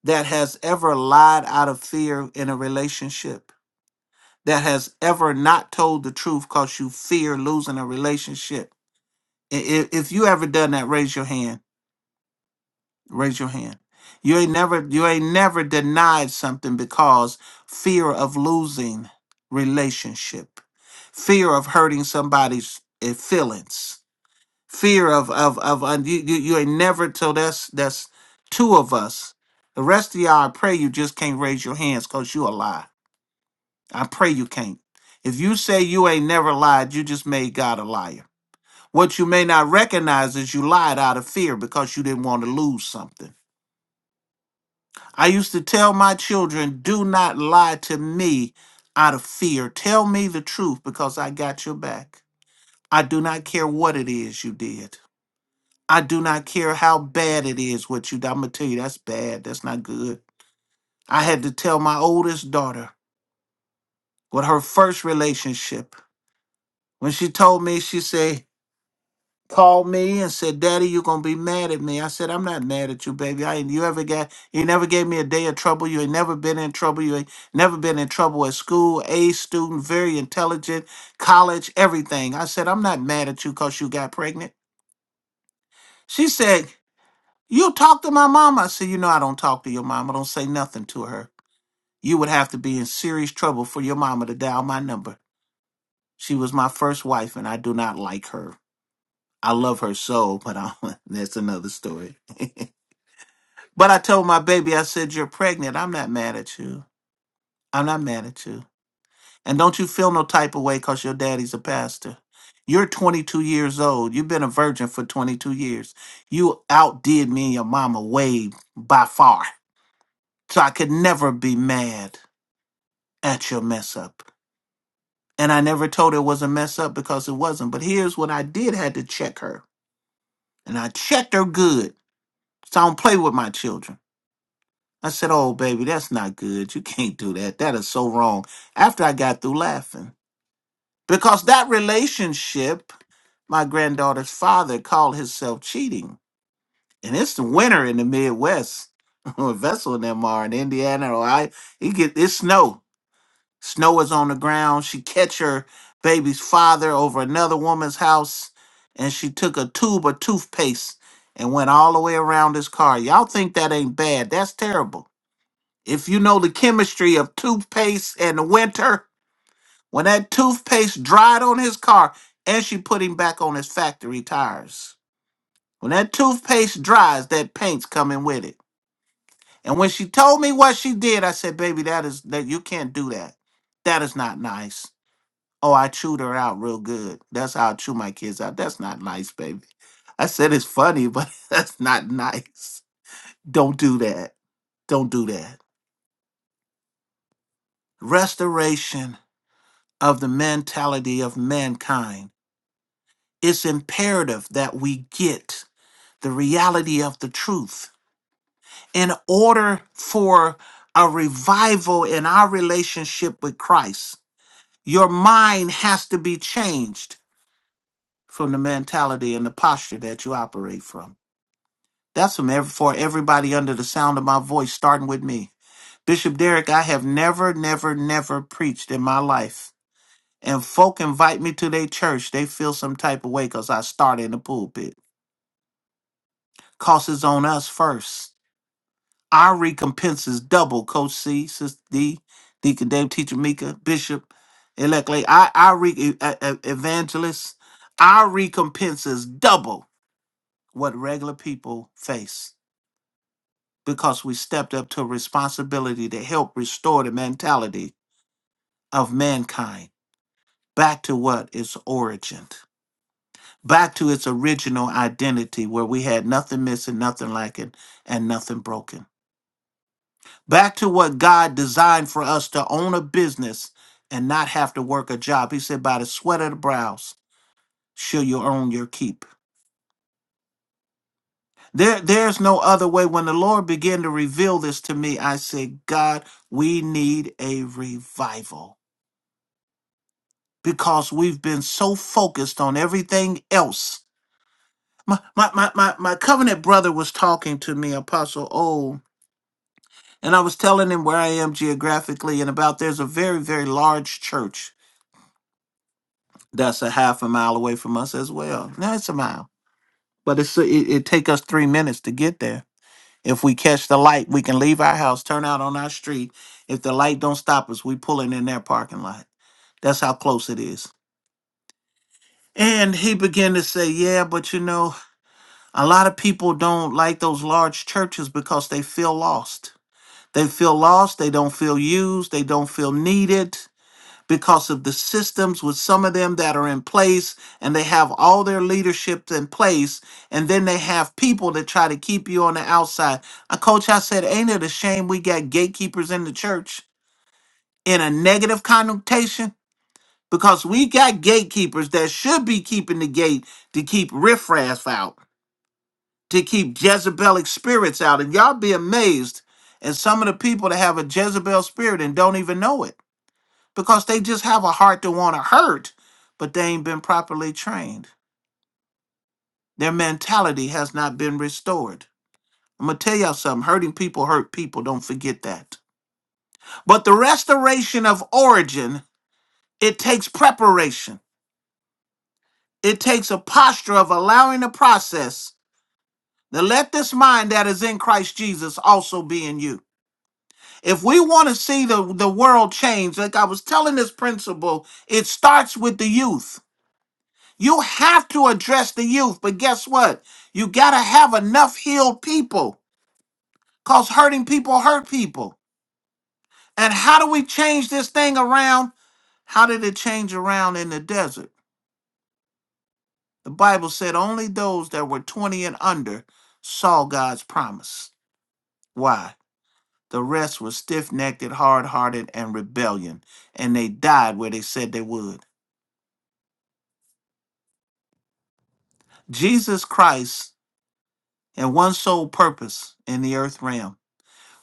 that has ever lied out of fear in a relationship, that has ever not told the truth because you fear losing a relationship. I- i- If you ever done that, raise your hand. Raise your hand. You ain't never you ain't never denied something because fear of losing relationship, fear of hurting somebody's eh, feelings fear of of of and you, you you ain't never till that's that's two of us. The rest of y'all, I pray you just can't raise your hands because you a lie. I pray you can't. If you say you ain't never lied, you just made God a liar. What you may not recognize is you lied out of fear because you didn't want to lose something. I used to tell my children, do not lie to me out of fear. Tell me the truth because I got your back. I do not care what it is you did. I do not care how bad it is with you. I'm gonna tell you that's bad. That's not good. I had to tell my oldest daughter with her first relationship. When she told me, she said, called me and said, Daddy, you gonna be mad at me. I said, I'm not mad at you, baby. I ain't you ever got you never gave me a day of trouble. You ain't never been in trouble. You ain't never been in trouble at school, A student, very intelligent, college, everything. I said, I'm not mad at you because you got pregnant. She said, You talk to my mama. I said, You know, I don't talk to your mama. Don't say nothing to her. You would have to be in serious trouble for your mama to dial my number. She was my first wife, and I do not like her. I love her so, but I, that's another story. but I told my baby, I said, You're pregnant. I'm not mad at you. I'm not mad at you. And don't you feel no type of way because your daddy's a pastor. You're 22 years old. You've been a virgin for 22 years. You outdid me and your mama way by far. So I could never be mad at your mess up. And I never told her it was a mess up because it wasn't. But here's what I did had to check her. And I checked her good. So I don't play with my children. I said, Oh, baby, that's not good. You can't do that. That is so wrong. After I got through laughing. Because that relationship, my granddaughter's father called himself cheating. And it's the winter in the Midwest. Vessel and them are in Indiana, or I, it get it snow. Snow is on the ground. She catch her baby's father over another woman's house, and she took a tube of toothpaste and went all the way around his car. Y'all think that ain't bad? That's terrible. If you know the chemistry of toothpaste and the winter, when that toothpaste dried on his car, and she put him back on his factory tires. When that toothpaste dries, that paint's coming with it. And when she told me what she did, I said, "Baby, that is that you can't do that. That is not nice." Oh, I chewed her out real good. That's how I chew my kids out. That's not nice, baby. I said it's funny, but that's not nice. Don't do that. Don't do that. Restoration of the mentality of mankind. It's imperative that we get the reality of the truth. In order for a revival in our relationship with Christ, your mind has to be changed from the mentality and the posture that you operate from. That's from ev- for everybody under the sound of my voice, starting with me. Bishop Derrick, I have never, never, never preached in my life. And folk invite me to their church, they feel some type of way because I started in the pulpit. Cost is on us first. Our recompense is double, Coach C, Sister D, Deacon Dave, Teacher Mika, Bishop, Elect Lay. I, I re- uh, uh, evangelist, our recompense is double what regular people face. because we stepped up to a responsibility to help restore the mentality of mankind back to what its origin, back to its original identity where we had nothing missing, nothing lacking, and nothing broken. Back to what God designed for us to own a business and not have to work a job. He said, by the sweat of the brows shall you own your keep. There, there's no other way. When the Lord began to reveal this to me, I said, God, we need a revival because we've been so focused on everything else. My, my, my, my, my covenant brother was talking to me, Apostle O, and I was telling him where I am geographically and about there's a very, very large church that's a half a mile away from us as well. No, it's a mile, but it's it, it take us three minutes to get there. If we catch the light, we can leave our house, turn out on our street. If the light don't stop us, we pulling in their parking lot. That's how close it is. And he began to say, "Yeah, but you know." A lot of people don't like those large churches because they feel lost. They feel lost, they don't feel used, they don't feel needed because of the systems with some of them that are in place and they have all their leadership in place and then they have people that try to keep you on the outside. A coach I said, ain't it a shame we got gatekeepers in the church in a negative connotation? Because we got gatekeepers that should be keeping the gate to keep riffraff out to keep Jezebelic spirits out. And y'all be amazed at some of the people that have a Jezebel spirit and don't even know it because they just have a heart to want to hurt, but they ain't been properly trained. Their mentality has not been restored. I'm going to tell y'all something hurting people hurt people. Don't forget that. But the restoration of origin, it takes preparation. It takes a posture of allowing the process to let this mind that is in Christ Jesus also be in you. If we want to see the, the world change, like I was telling this principal, it starts with the youth. You have to address the youth, but guess what? You got to have enough healed people because hurting people hurt people. And how do we change this thing around? How did it change around in the desert? The Bible said only those that were 20 and under saw God's promise. Why? The rest were stiff necked, hard hearted, and rebellion, and they died where they said they would. Jesus Christ and one sole purpose in the earth realm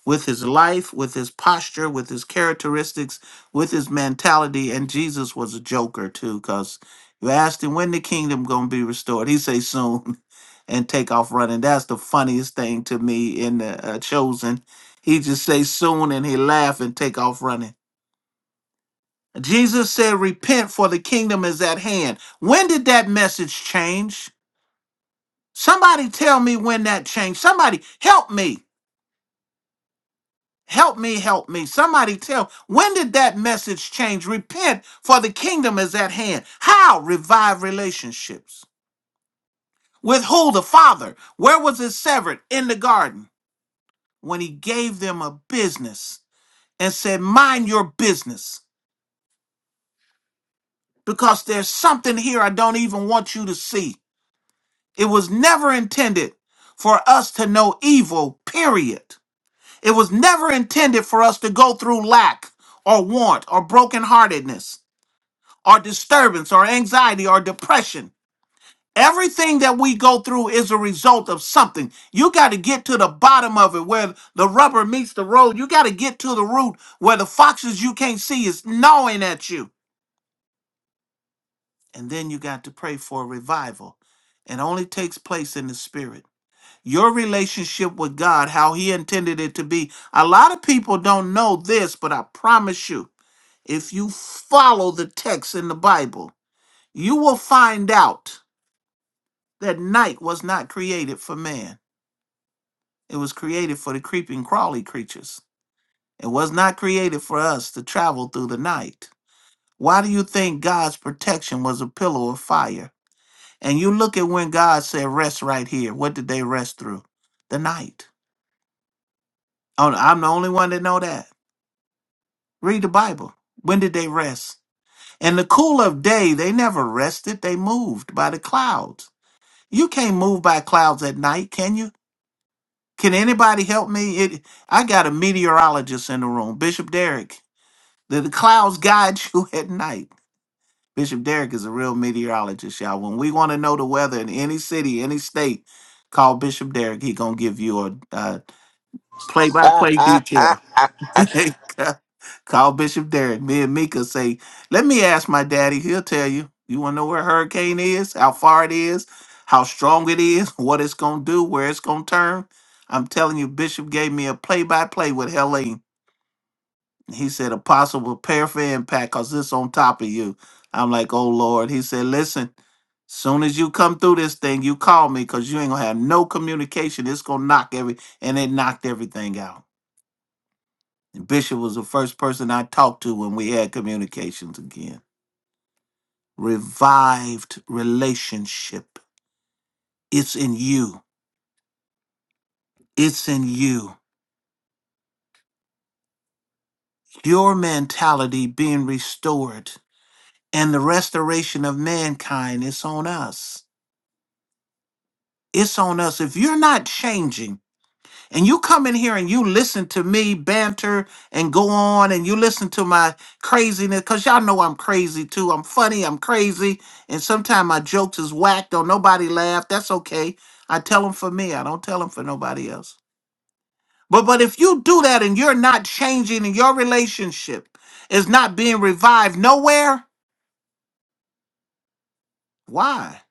with his life, with his posture, with his characteristics, with his mentality. And Jesus was a joker too, because you asked him when the kingdom gonna be restored. He say soon and take off running. That's the funniest thing to me in the uh, chosen. He just say soon and he laugh and take off running. Jesus said, repent for the kingdom is at hand. When did that message change? Somebody tell me when that changed. Somebody help me. Help me, help me. Somebody tell when did that message change? Repent, for the kingdom is at hand. How? Revive relationships. With who? The Father. Where was it severed? In the garden. When he gave them a business and said, Mind your business, because there's something here I don't even want you to see. It was never intended for us to know evil, period. It was never intended for us to go through lack or want or brokenheartedness or disturbance or anxiety or depression. Everything that we go through is a result of something. You got to get to the bottom of it where the rubber meets the road. You got to get to the root where the foxes you can't see is gnawing at you. And then you got to pray for a revival. It only takes place in the spirit. your relationship with God, how He intended it to be. A lot of people don't know this, but I promise you, if you follow the text in the Bible, you will find out that night was not created for man. It was created for the creeping, crawly creatures. It was not created for us to travel through the night. Why do you think God's protection was a pillar of fire? And you look at when God said, rest right here. What did they rest through? The night. Oh, I'm the only one that know that. Read the Bible. When did they rest? In the cool of day, they never rested. They moved by the clouds. You can't move by clouds at night, can you? Can anybody help me? It, I got a meteorologist in the room, Bishop Derrick. The, the clouds guide you at night. Bishop Derrick is a real meteorologist, y'all. When we want to know the weather in any city, any state, call Bishop Derrick. He gonna give you a uh, play-by-play detail. Call Bishop Derrick. Me and Mika say, let me ask my daddy. He'll tell you. You want to know where a hurricane is, how far it is, how strong it is, what it's going to do, where it's going to turn. I'm telling you, Bishop gave me a play by play with Helene. He said, Apostle, prepare for impact because this on top of you. I'm like, oh, Lord. He said, listen, soon as you come through this thing, you call me because you ain't going to have no communication. It's going to knock every, and it knocked everything out. And Bishop was the first person I talked to when we had communications again. Revived relationship. It's in you. It's in you. Your mentality being restored and the restoration of mankind, it's on us. It's on us. If you're not changing, and you come in here and you listen to me banter and go on and you listen to my craziness because y'all know i'm crazy too i'm funny i'm crazy and sometimes my jokes is whack don't nobody laugh that's okay i tell them for me i don't tell them for nobody else but but if you do that and you're not changing and your relationship is not being revived nowhere why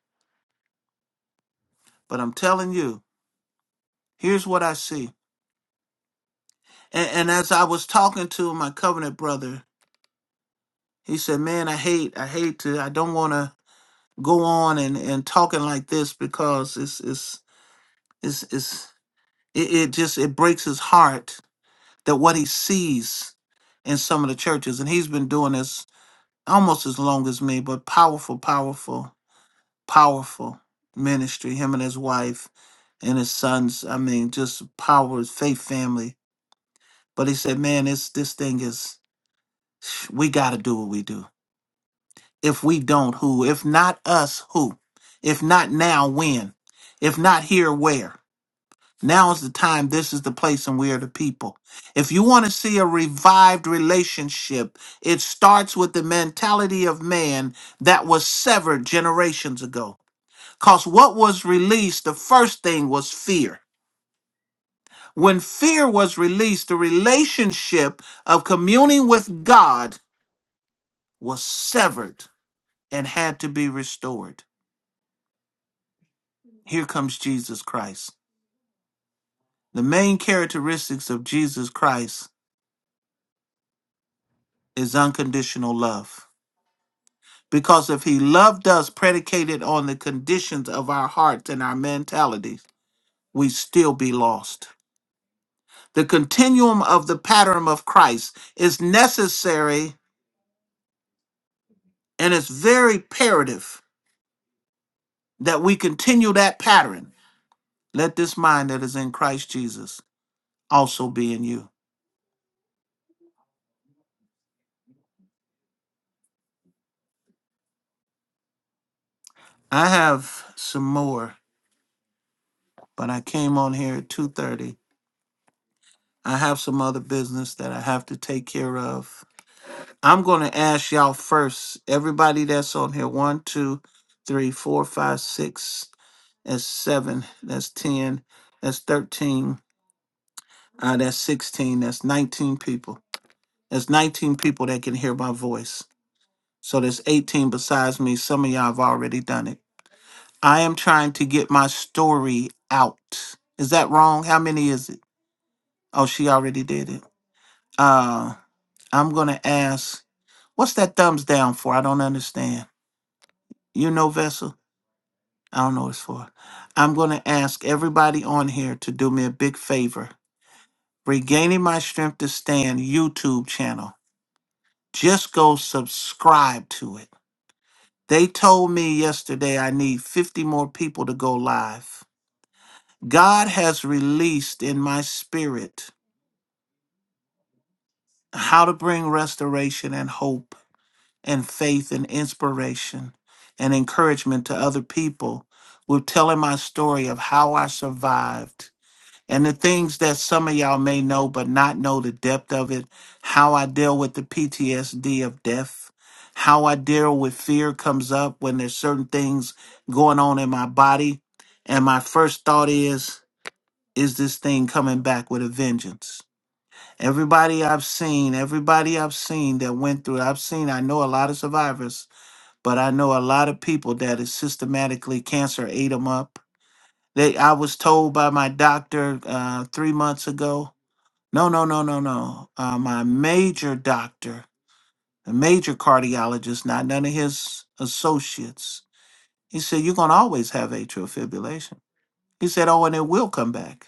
but i'm telling you here's what i see and, and as i was talking to my covenant brother He said, "Man, I hate, I hate to, I don't want to go on and and talking like this because it's it's it's it's it, it just it breaks his heart that what he sees in some of the churches, and he's been doing this almost as long as me, but powerful, powerful, powerful ministry. Him and his wife and his sons. I mean, just power, faith, family. But he said, man, this this thing is, we got to do what we do." If we don't, who? If not us, who? If not now, when? If not here, where? Now is the time. This is the place, and we are the people. If you want to see a revived relationship, it starts with the mentality of man that was severed generations ago. Because what was released, the first thing was fear. When fear was released, the relationship of communing with God was severed and had to be restored. Here comes Jesus Christ. The main characteristics of Jesus Christ is unconditional love. Because if he loved us predicated on the conditions of our hearts and our mentalities, we would still be lost. The continuum of the pattern of Christ is necessary and it's very imperative that we continue that pattern. Let this mind that is in Christ Jesus also be in you. I have some more, but I came on here at 2:30 I have some other business that I have to take care of. I'm going to ask y'all first, everybody that's on here one, two, three, four, five, six, that's seven, that's 10, that's 13, uh, that's 16, that's 19 people. That's 19 people that can hear my voice. So there's 18 besides me. Some of y'all have already done it. I am trying to get my story out. Is that wrong? How many is it? Oh, she already did it. Uh, I'm going to ask What's that thumbs down for? I don't understand. You know, Vessel? I don't know what it's for. I'm going to ask everybody on here to do me a big favor. Regaining My Strength to Stand YouTube channel. Just go subscribe to it. They told me yesterday I need 50 more people to go live. God has released in my spirit how to bring restoration and hope and faith and inspiration and encouragement to other people with telling my story of how I survived and the things that some of y'all may know but not know the depth of it, how I deal with the PTSD of death, how I deal with fear comes up when there's certain things going on in my body. And my first thought is, is this thing coming back with a vengeance? Everybody I've seen, everybody I've seen that went through, I've seen, I know a lot of survivors but I know a lot of people that is systematically cancer ate them up. They, I was told by my doctor uh, three months ago. No, no, no, no, no. Uh, my major doctor, a major cardiologist, not none of his associates. He said you're gonna always have atrial fibrillation. He said, oh, and it will come back.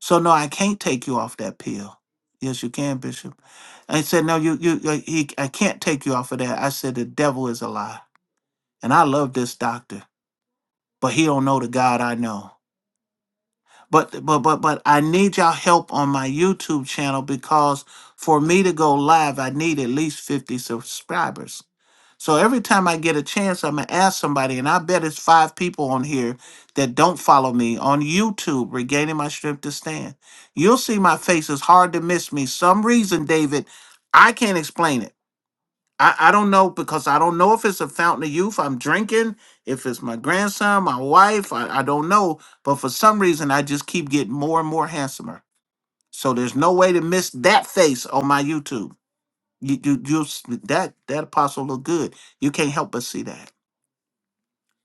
So no, I can't take you off that pill. Yes, you can, Bishop. I said, no, you, you, uh, he, I can't take you off of that. I said, the devil is a lie, and I love this doctor. but he don't know the God I know. But but but but I need y'all help on my YouTube channel because for me to go live, I need at least 50 subscribers. So every time I get a chance, I'm gonna ask somebody, and I bet it's five people on here that don't follow me on YouTube, regaining my strength to stand. You'll see my face is hard to miss me. Some reason, David, I can't explain it. I, I don't know because I don't know if it's a fountain of youth I'm drinking, if it's my grandson, my wife, I, I don't know. But for some reason, I just keep getting more and more handsomer. So there's no way to miss that face on my YouTube. You, you, you s- that that apostle look good. You can't help but see that.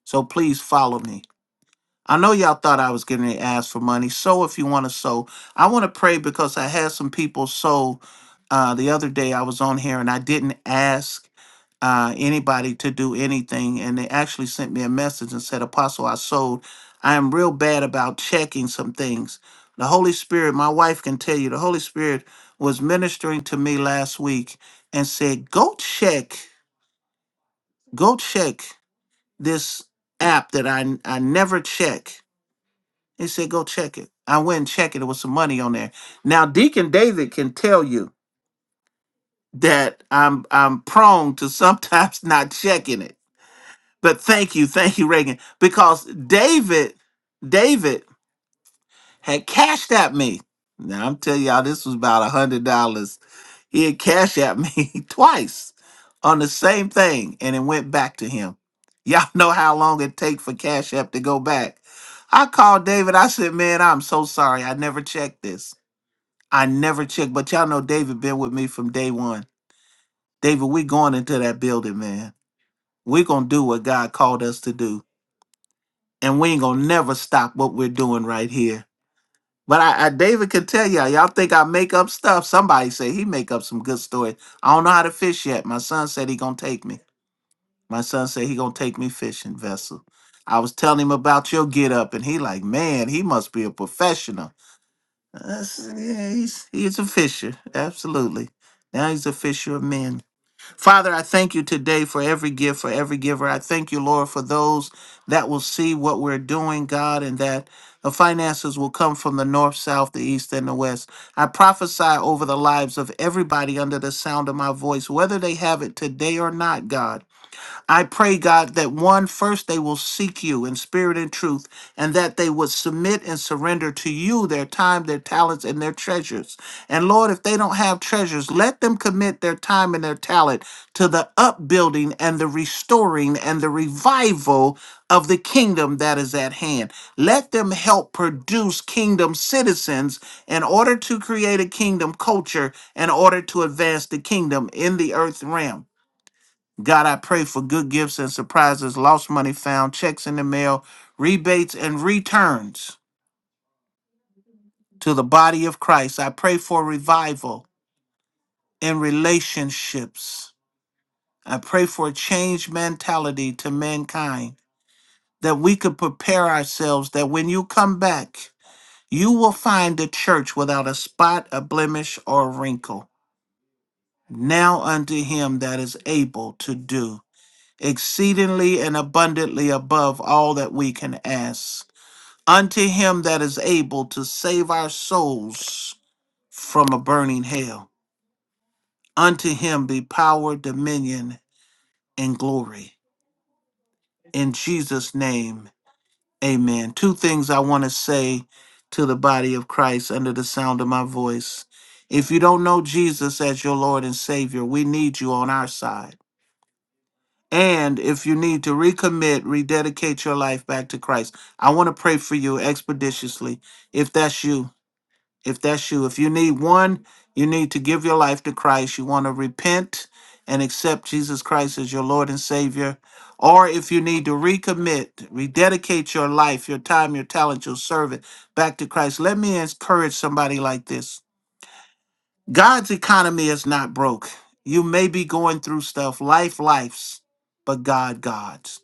So please follow me. I know y'all thought I was getting ready to ask for money. Sow if you want to sow. I want to pray because I had some people sow uh, the other day. I was on here and I didn't ask uh, anybody to do anything. And they actually sent me a message and said, Apostle, I sold. I am real bad about checking some things. The Holy Spirit, my wife can tell you, the Holy Spirit was ministering to me last week and said, Go check, go check this app that I, I never check they said, go check it. I went and checked it. There was some money on there. Now, Deacon David can tell you that I'm I'm prone to sometimes not checking it. But thank you, thank you, Reagan. Because David, David had cashed at me. Now I'm telling y'all, this was about a hundred dollars. He had cashed at me twice on the same thing, and it went back to him. Y'all know how long it take for Cash App to go back. I called David. I said, "Man, I'm so sorry. I never checked this." I never checked, but y'all know David been with me from day one. David, we going into that building, man. we gonna do what God called us to do. And we ain't gonna never stop what we're doing right here. But I, I David can tell y'all, y'all think I make up stuff. Somebody say he make up some good stories. I don't know how to fish yet. My son said he gonna take me. My son said he gonna take me fishing, Vessel. I was telling him about your get up, and he like, man, he must be a professional. That's, yeah, he's, he's a fisher. Absolutely. Now he's a fisher of men. Father, I thank you today for every gift, for every giver. I thank you, Lord, for those that will see what we're doing, God, and that the finances will come from the north, south, the east, and the west. I prophesy over the lives of everybody under the sound of my voice, whether they have it today or not, God. I pray, God, that one, first they will seek you in spirit and truth, and that they would submit and surrender to you their time, their talents, and their treasures. And Lord, if they don't have treasures, let them commit their time and their talent to the upbuilding and the restoring and the revival of the kingdom that is at hand. Let them help produce kingdom citizens in order to create a kingdom culture, in order to advance the kingdom in the earth realm. God, I pray for good gifts and surprises, lost money found, checks in the mail, rebates and returns to the body of Christ. I pray for revival in relationships. I pray for a changed mentality to mankind that we could prepare ourselves that when you come back, you will find a church without a spot, a blemish, or a wrinkle. Now unto him that is able to do exceedingly and abundantly above all that we can ask unto him that is able to save our souls from a burning hell. Unto him be power, dominion, and glory. In Jesus' name, amen. Two things I want to say to the body of Christ under the sound of my voice. If you don't know Jesus as your Lord and Savior, we need you on our side. And if you need to recommit, rededicate your life back to Christ, I want to pray for you expeditiously. If that's you, If that's you, if you need one, you need to give your life to Christ. You want to repent and accept Jesus Christ as your Lord and Savior. Or if you need to recommit, rededicate your life, your time, your talent, your service back to Christ, let me encourage somebody like this God's economy is not broke. You may be going through stuff, life, life's, but God, God's.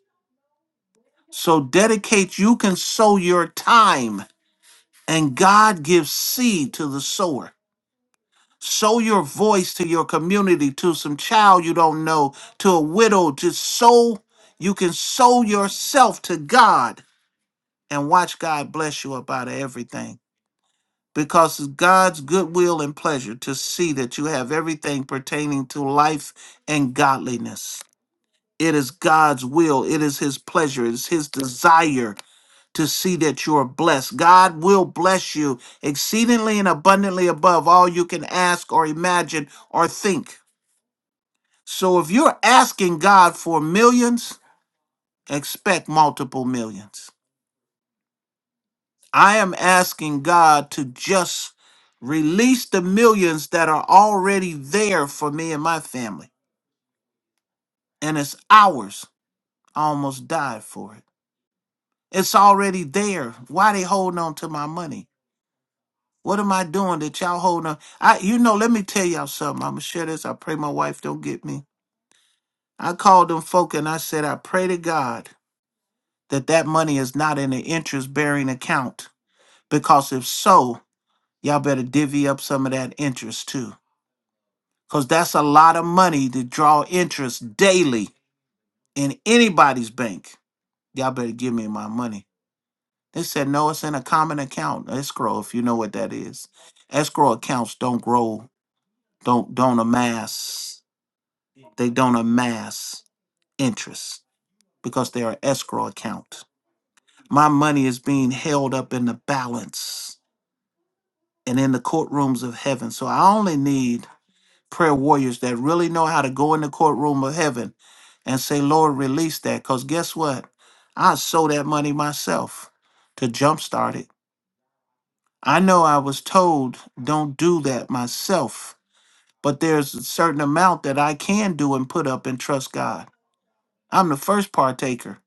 So dedicate, you can sow your time, and God gives seed to the sower. Sow your voice to your community, to some child you don't know, to a widow. Just sow, you can sow yourself to God and watch God bless you about everything. Because it's God's goodwill and pleasure to see that you have everything pertaining to life and godliness. It is God's will, it is His pleasure, it is His desire to see that you are blessed. God will bless you exceedingly and abundantly above all you can ask or imagine or think So if you're asking God for millions, expect multiple millions. I am asking God to just release the millions that are already there for me and my family. And it's ours. I almost died for it. It's already there. Why they holding on to my money? What am I doing that y'all holding on? I you know, let me tell y'all something. I'ma share this. I pray my wife don't get me. I called them folk and I said, I pray to God that that money is not in an interest bearing account because if so y'all better divvy up some of that interest too because that's a lot of money to draw interest daily in anybody's bank y'all better give me my money they said no it's in a common account escrow if you know what that is escrow accounts don't grow don't don't amass they don't amass interest because they're an escrow account my money is being held up in the balance and in the courtrooms of heaven. So I only need prayer warriors that really know how to go in the courtroom of heaven and say, Lord, release that. Because guess what? I sold that money myself to jumpstart it. I know I was told don't do that myself, but there's a certain amount that I can do and put up and trust God. I'm the first partaker,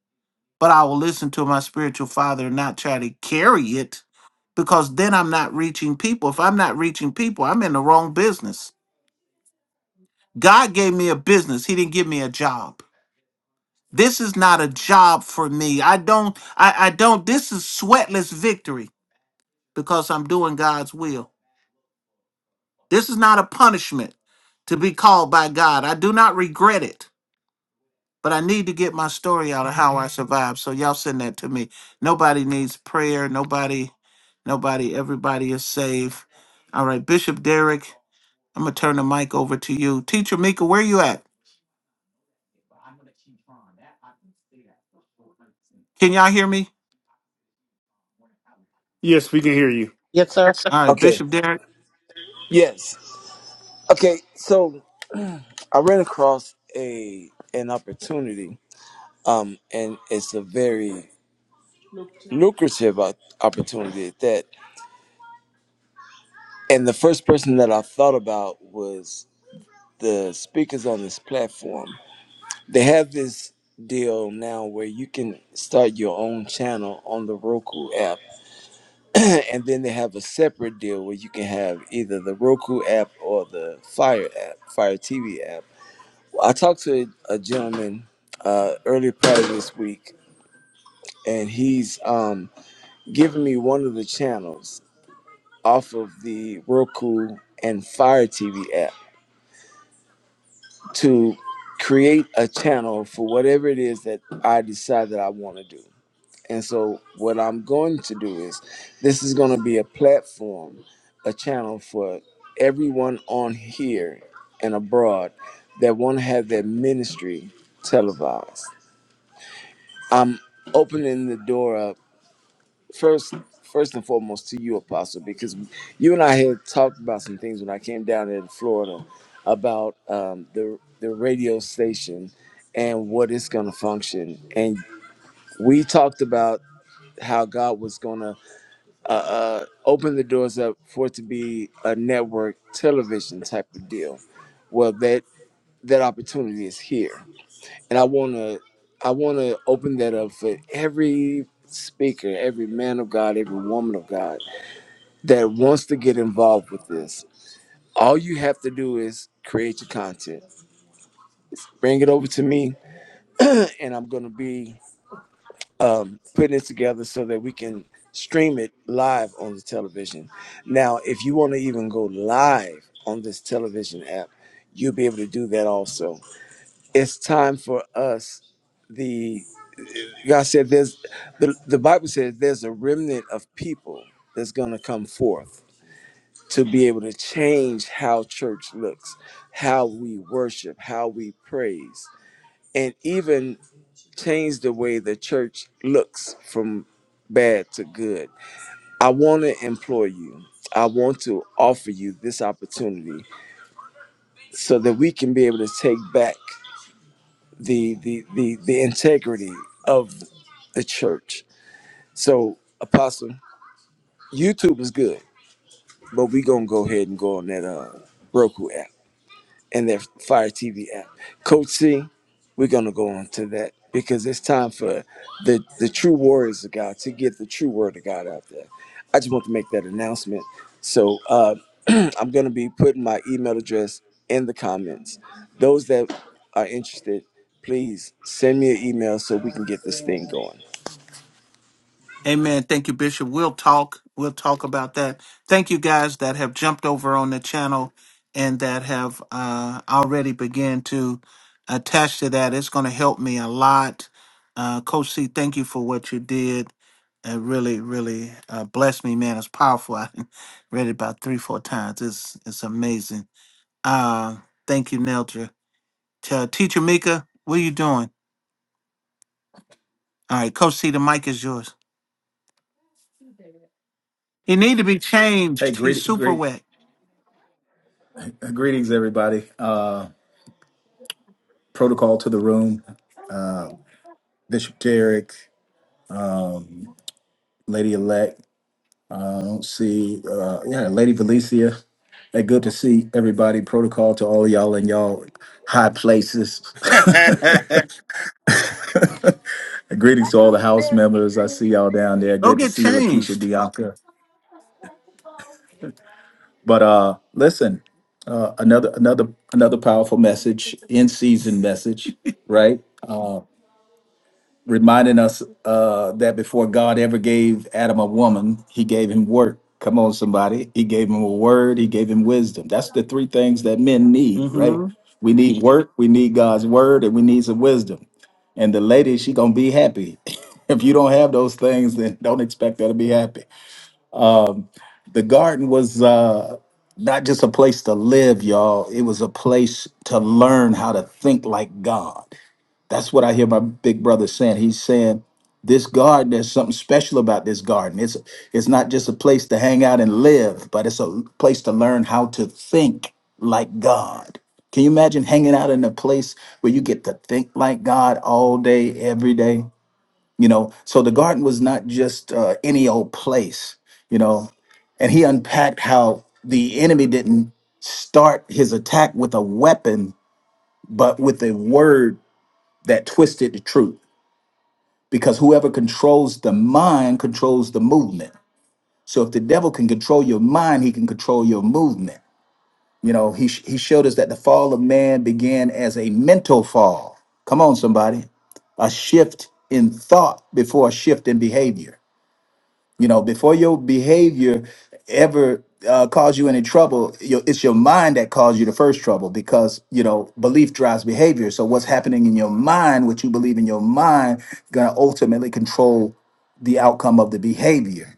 but I will listen to my spiritual father and not try to carry it because then I'm not reaching people. If I'm not reaching people, I'm in the wrong business. God gave me a business. He didn't give me a job. This is not a job for me. I don't I, I don't this is sweatless victory because I'm doing God's will. This is not a punishment to be called by God. I do not regret it, but I need to get my story out of how I survived. So y'all send that to me. Nobody needs prayer. Nobody, nobody, everybody is saved. All right, Bishop Derek, I'm gonna turn the mic over to you. Teacher Mika, where you at? Can y'all hear me? Yes, we can hear you. All right, okay. Bishop Derek. Yes. Okay. So I ran across a an opportunity, um, and it's a very lucrative op- opportunity at that. And the first person that I thought about was the speakers on this platform. They have this deal now where you can start your own channel on the Roku app. and then they have a separate deal where you can have either the Roku app or the Fire app, Fire TV app I talked to a, gentleman uh, earlier part of this week, and he's um, giving me one of the channels off of the Roku and Fire TV app to create a channel for whatever it is that I decide that I want to do. And so, what I'm going to do is this is going to be a platform, a channel for everyone on here and abroad that want to have their ministry televised I'm opening the door up first, first and foremost to you, Apostle, because you and I had talked about some things when I came down there to Florida about um, the the radio station and what it's going to function, and we talked about how God was going to uh, uh, open the doors up for it to be a network television type of deal. Well, that that opportunity is here and I wanna I wanna open that up for every speaker, every man of God, every woman of God that wants to get involved with this. All you have to do is create your content, bring it over to me, and I'm gonna be um, putting it together so that we can stream it live on the television. Now, if you want to even go live on this television app, you'll be able to do that also. It's time for us the. God said, "There's the, the Bible says there's a remnant of people that's going to come forth to be able to change how church looks, how we worship, how we praise, and even change the way the church looks from bad to good." I want to implore you. I want to offer you this opportunity so that we can be able to take back the the the, the integrity of the church. So, Apostle. YouTube is good, but we gonna go ahead and go on that uh Roku app and that Fire TV app. Coach C, we're gonna go on to that because it's time for the the true warriors of God to get the true word of God out there. I just want to make that announcement. So uh I'm gonna be putting my email address in the comments. Those that are interested, please send me an email so we can get this thing going. Amen. Thank you, Bishop. We'll talk. We'll talk about that. Thank you guys that have jumped over on the channel and that have uh, already began to attach to that. It's going to help me a lot. Uh, Coach C, thank you for what you did. It really, really uh, blessed me, man. It's powerful. I read it about three, four times. It's it's amazing. Uh, thank you, Neldra. T- uh, Teacher Mika, what are you doing? All right, Coach C, the mic is yours. He need to be Hey, changed. He's greet, super greet, wet. uh, greetings, everybody. Uh, protocol to the room. Bishop Derek, Lady Elect. Uh, I don't see, uh, yeah, Lady Valencia. Hey, good to see everybody. Protocol to all of y'all in y'all high places. greetings to all the house members. I see y'all down there. Go Good to get see you, Lakeisha changed. Dianca. But uh, listen, uh, another another another powerful message, in season message, right? reminding us uh, that before God ever gave Adam a woman, he gave him work. Come on, somebody. He gave him a word, he gave him wisdom. That's the three things that men need, right? hmm We need work, we need God's word, and we need some wisdom. And the lady, she gonna be happy. if you don't have those things, then don't expect her to be happy. The garden was uh not just a place to live, y'all. It was a place to learn how to think like God. That's what I hear my big brother saying. He's saying this garden, there's something special about this garden. It's it's not just a place to hang out and live, but it's a place to learn how to think like God. Can you imagine hanging out in a place where you get to think like God all day, every day? You know, so the garden was not just uh, any old place. You know, and he unpacked how the enemy didn't start his attack with a weapon, but with a word that twisted the truth because whoever controls the mind controls the movement. So if the devil can control your mind, he can control your movement. You know, he sh- he showed us that the fall of man began as a mental fall. Come on, somebody, a shift in thought before a shift in behavior you know, before your behavior ever uh, cause you any trouble, your, it's your mind that caused you the first trouble because you know belief drives behavior. So what's happening in your mind, what you believe in your mind, gonna ultimately control the outcome of the behavior.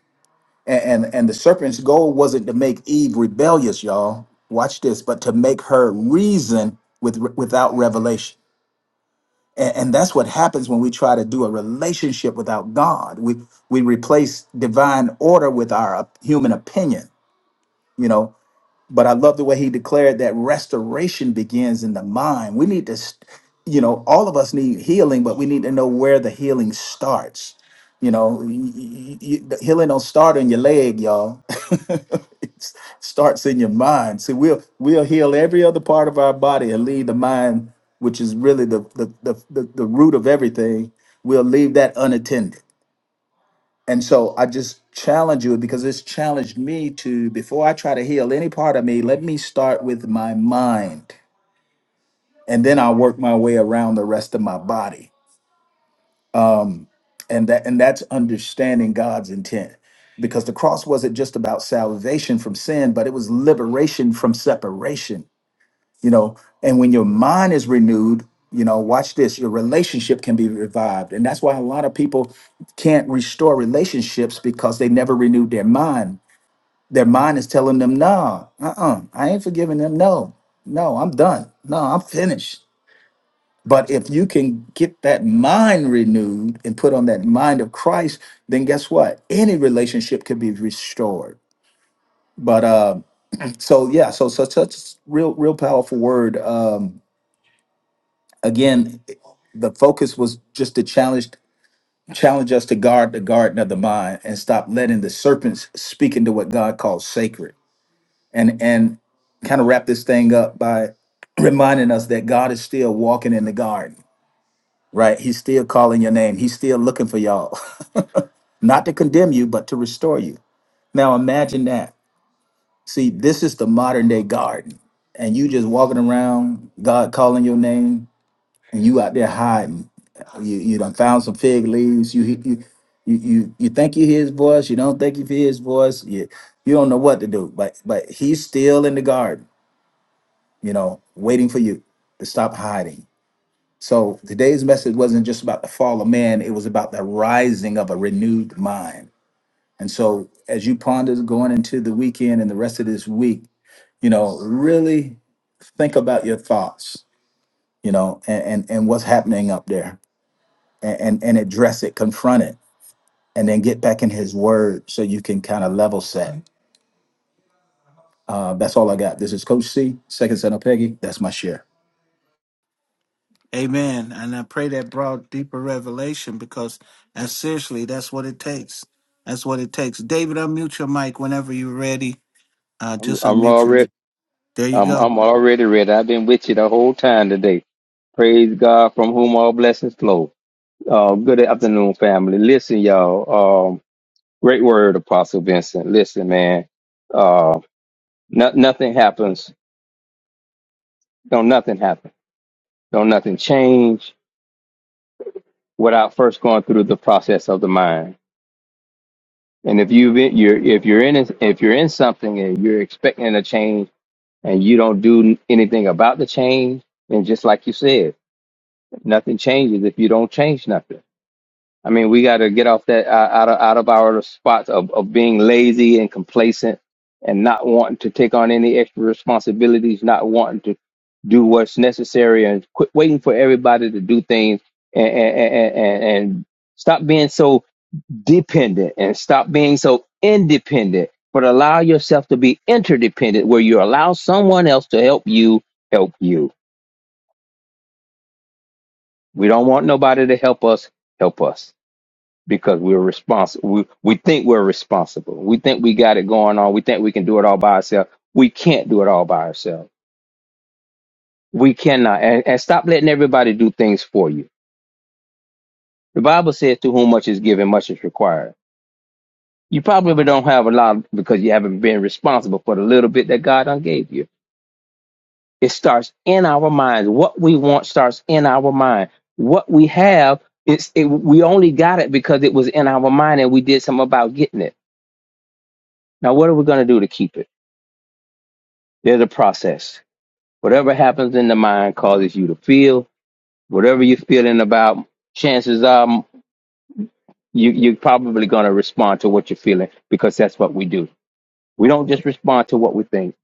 And and, and the serpent's goal wasn't to make Eve rebellious, y'all. Watch this, but to make her reason with without revelation and, and that's what happens when we try to do a relationship without God. We we replace divine order with our op- human opinion. You know, but I love the way he declared that restoration begins in the mind. We need to, s- you know, all of us need healing, but we need to know where the healing starts. You know, y- y- y- the healing don't start on your leg, y'all. it s- starts in your mind. See, we'll we'll heal every other part of our body and leave the mind, which is really the the the, the, the root of everything. We'll leave that unattended and so I just challenge you because it's challenged me to, before I try to heal any part of me, let me start with my mind. And then I'll work my way around the rest of my body. And that and that's understanding God's intent. Because the cross wasn't just about salvation from sin, but it was liberation from separation. You know, and when your mind is renewed, you know, watch this, your relationship can be revived. And that's why a lot of people can't restore relationships because they never renewed their mind Their mind is telling them, no, uh-uh, I ain't forgiving them. No, no, I'm done. No, I'm finished. But if you can get that mind renewed and put on that mind of Christ, then guess what? Any relationship could be restored. But uh, so yeah, so so such real, real powerful word. Um, again, the focus was just to challenge challenge us to guard the garden of the mind and stop letting the serpents speak into what God calls sacred. and and kind of wrap this thing up by reminding us that God is still walking in the garden, right? He's still calling your name. He's still looking for y'all, not to condemn you, but to restore you. Now imagine that. See, this is the modern day garden, and you just walking around, God calling your name, and you out there hiding. You you done found some fig leaves. You you you you, you think you hear his voice. You don't think you hear his voice. You you don't know what to do, but but he's still in the garden you know, waiting for you to stop hiding. So today's message wasn't just about the fall of man, it was about the rising of a renewed mind. And so as you ponder going into the weekend and the rest of this week, you know, really think about your thoughts, you know, and and, and what's happening up there and, and and address it, confront it, and then get back in his word so you can kind of level set. Uh, that's all I got. This is Coach C, second son of Peggy. That's my share. Amen. And I pray that brought deeper revelation because, and seriously, that's what it takes. That's what it takes. David, unmute your mic whenever you're ready. Uh, I'm, just I'm unmute your. already There you I'm, go. I'm already ready. I've been with you the whole time today. Praise God from whom all blessings flow. Uh, good afternoon, family. Listen, y'all. Um, great word, Apostle Vincent. Listen, man. Uh, no, nothing happens. Don't nothing happen. Don't nothing change without first going through the process of the mind. And if you've been, you're if you're in it- if you're in something and you're expecting a change and you don't do anything about the change, then just like you said. Nothing changes if you don't change nothing. I mean, we got to get off that uh, out of out of our spots of, of being lazy and complacent and not wanting to take on any extra responsibilities, not wanting to do what's necessary, and quit waiting for everybody to do things and and, and, and and stop being so dependent and stop being so independent. But allow yourself to be interdependent, where you allow someone else to help you help you. We don't want nobody to help us help us. because we're responsible. We, we think we're responsible. We think we got it going on. We think we can do it all by ourselves. We can't do it all by ourselves. We cannot. And, and stop letting everybody do things for you. The Bible says, to whom much is given, much is required. You probably don't have a lot because you haven't been responsible for the little bit that God done gave you. It starts in our minds. What we want starts in our mind. What we have, it's, it, we only got it because it was in our mind and we did something about getting it. Now, what are we going to do to keep it? They're the process. Whatever happens in the mind causes you to feel. Whatever you're feeling about, chances are you, you're probably going to respond to what you're feeling because that's what we do. We don't just respond to what we think.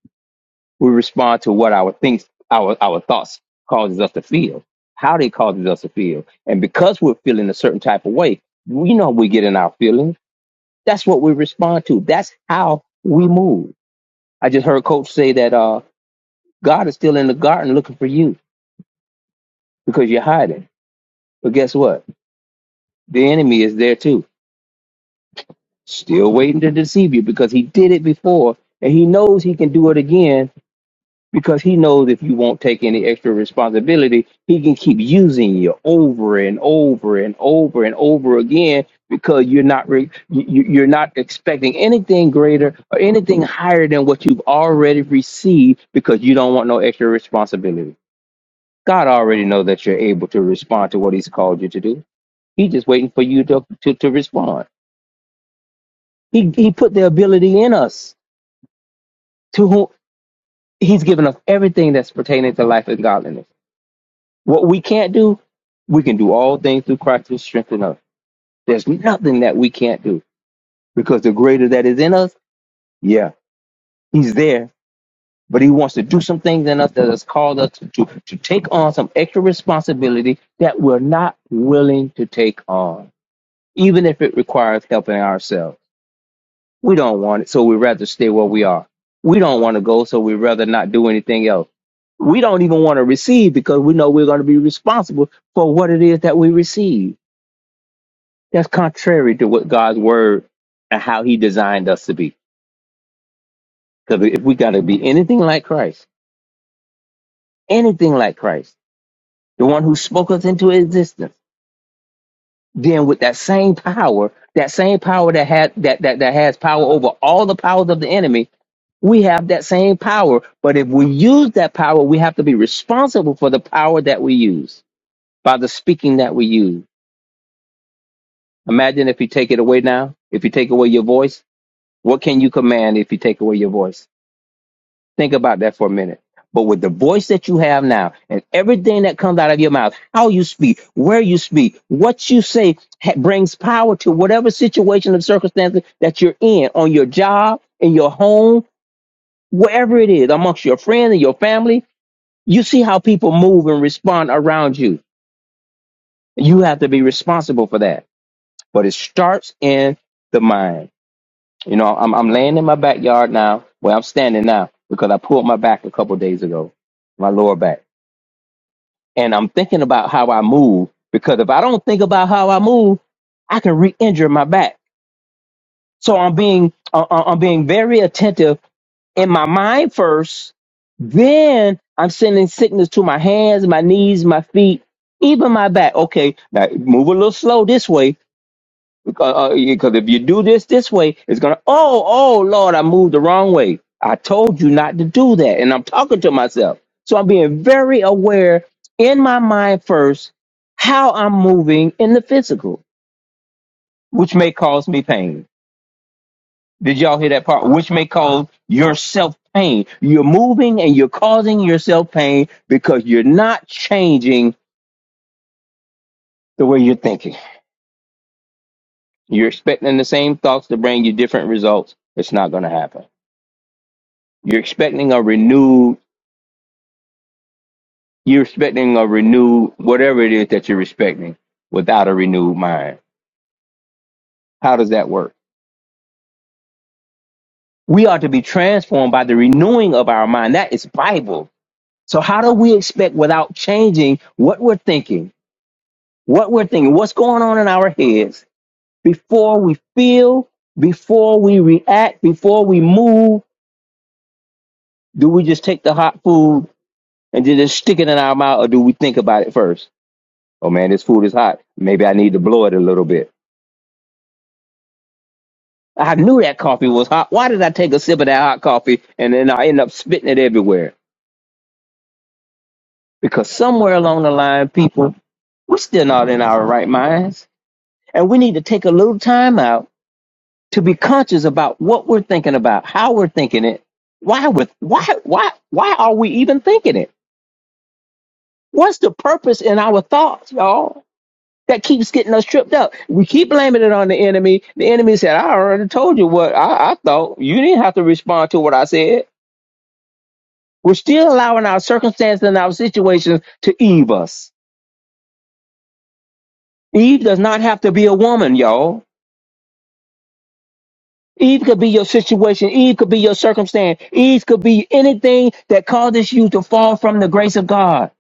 We respond to what our thinks, our, our thoughts causes us to feel, how they causes us to feel. And because we're feeling a certain type of way, we know we get in our feelings. That's what we respond to. That's how we move. I just heard coach say that, uh, God is still in the garden looking for you because you're hiding. But guess what? The enemy is there too, still waiting to deceive you because he did it before and he knows he can do it again because he knows if you won't take any extra responsibility, he can keep using you over and over and over and over again because you're not re- you, you- you're not expecting anything greater or anything higher than what you've already received because you don't want no extra responsibility. God already knows that you're able to respond to what he's called you to do. He's just waiting for you to, to, to respond. He, he put the ability in us to whom he's given us everything that's pertaining to life and godliness. What we can't do, we can do all things through Christ who strengthens us. There's nothing that we can't do because the greater that is in us, yeah, he's there, but he wants to do some things in us that has called us to, to, to take on some extra responsibility that we're not willing to take on, even if it requires helping ourselves. We don't want it, so we'd rather stay where we are. We don't want to go, so we'd rather not do anything else. We don't even want to receive because we know we're going to be responsible for what it is that we receive. That's contrary to what God's word and how he designed us to be. Because if we got to be anything like Christ, anything like Christ, the one who spoke us into existence, then with that same power, that same power that had that that, that has power over all the powers of the enemy, We have that same power, but if we use that power, we have to be responsible for the power that we use by the speaking that we use. Imagine if you take it away now, if you take away your voice, what can you command if you take away your voice? Think about that for a minute. But with the voice that you have now and everything that comes out of your mouth, how you speak, where you speak, what you say ha- brings power to whatever situation and circumstances that you're in on your job, in your home, wherever it is, amongst your friends and your family You see how people move and respond around you. You have to be responsible for that. But it starts in the mind. You know, I'm, I'm laying in my backyard now, where I'm standing now, because I pulled my back a couple days ago, my lower back. And I'm thinking about how I move, because if I don't think about how I move, I can re injure my back. So I'm being, I- I- I'm being very attentive in my mind first. Then I'm sending sickness to my hands, my knees, my feet, even my back. Okay, now move a little slow this way because uh, because if you do this this way, it's gonna. Oh, oh, Lord, I moved the wrong way. I told you not to do that, and I'm talking to myself. So I'm being very aware in my mind first how I'm moving in the physical, which may cause me pain did y'all hear that part? Which may cause yourself pain. You're moving and you're causing yourself pain because you're not changing the way you're thinking. You're expecting the same thoughts to bring you different results. It's not going to happen. You're expecting a renewed, you're expecting a renewed, whatever it is that you're expecting without a renewed mind. How does that work? We are to be transformed by the renewing of our mind. That is Bible. So how do we expect without changing what we're thinking? what we're thinking, what's going on in our heads before we feel, before we react, before we move. Do we just take the hot food and just stick it in our mouth, or do we think about it first? Oh man, this food is hot. Maybe I need to blow it a little bit. I knew that coffee was hot. Why did I take a sip of that hot coffee and then I end up spitting it everywhere? Because somewhere along the line, people, we're still not in our right minds. And we need to take a little time out to be conscious about what we're thinking about, how we're thinking it, why with why why why are we even thinking it? What's the purpose in our thoughts, y'all? That keeps getting us tripped up. We keep blaming it on the enemy. The enemy said, "I already told you what I, I thought. You didn't have to respond to what I said." We're still allowing our circumstances and our situations to Eve us. Eve does not have to be a woman, y'all. Eve could be your situation. Eve could be your circumstance. Eve could be anything that causes you to fall from the grace of God.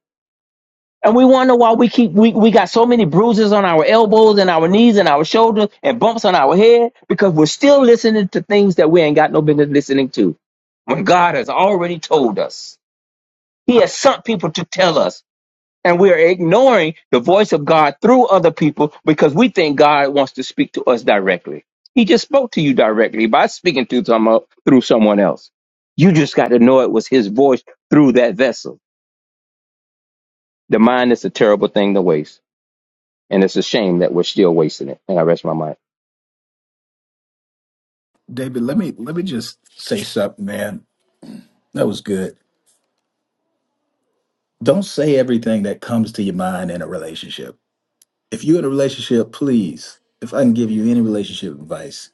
And we wonder why we keep we, we got so many bruises on our elbows and our knees and our shoulders and bumps on our head because we're still listening to things that we ain't got no business listening to. When God has already told us, He has sent people to tell us. And we are ignoring the voice of God through other people because we think God wants to speak to us directly. He just spoke to you directly by speaking to someone through someone else. You just got to know it was his voice through that vessel. The mind is a terrible thing to waste. And it's a shame that we're still wasting it. And I rest my mind. David, let me let me just say something, man. That was good. Don't say everything that comes to your mind in a relationship. If you're in a relationship, please, if I can give you any relationship advice,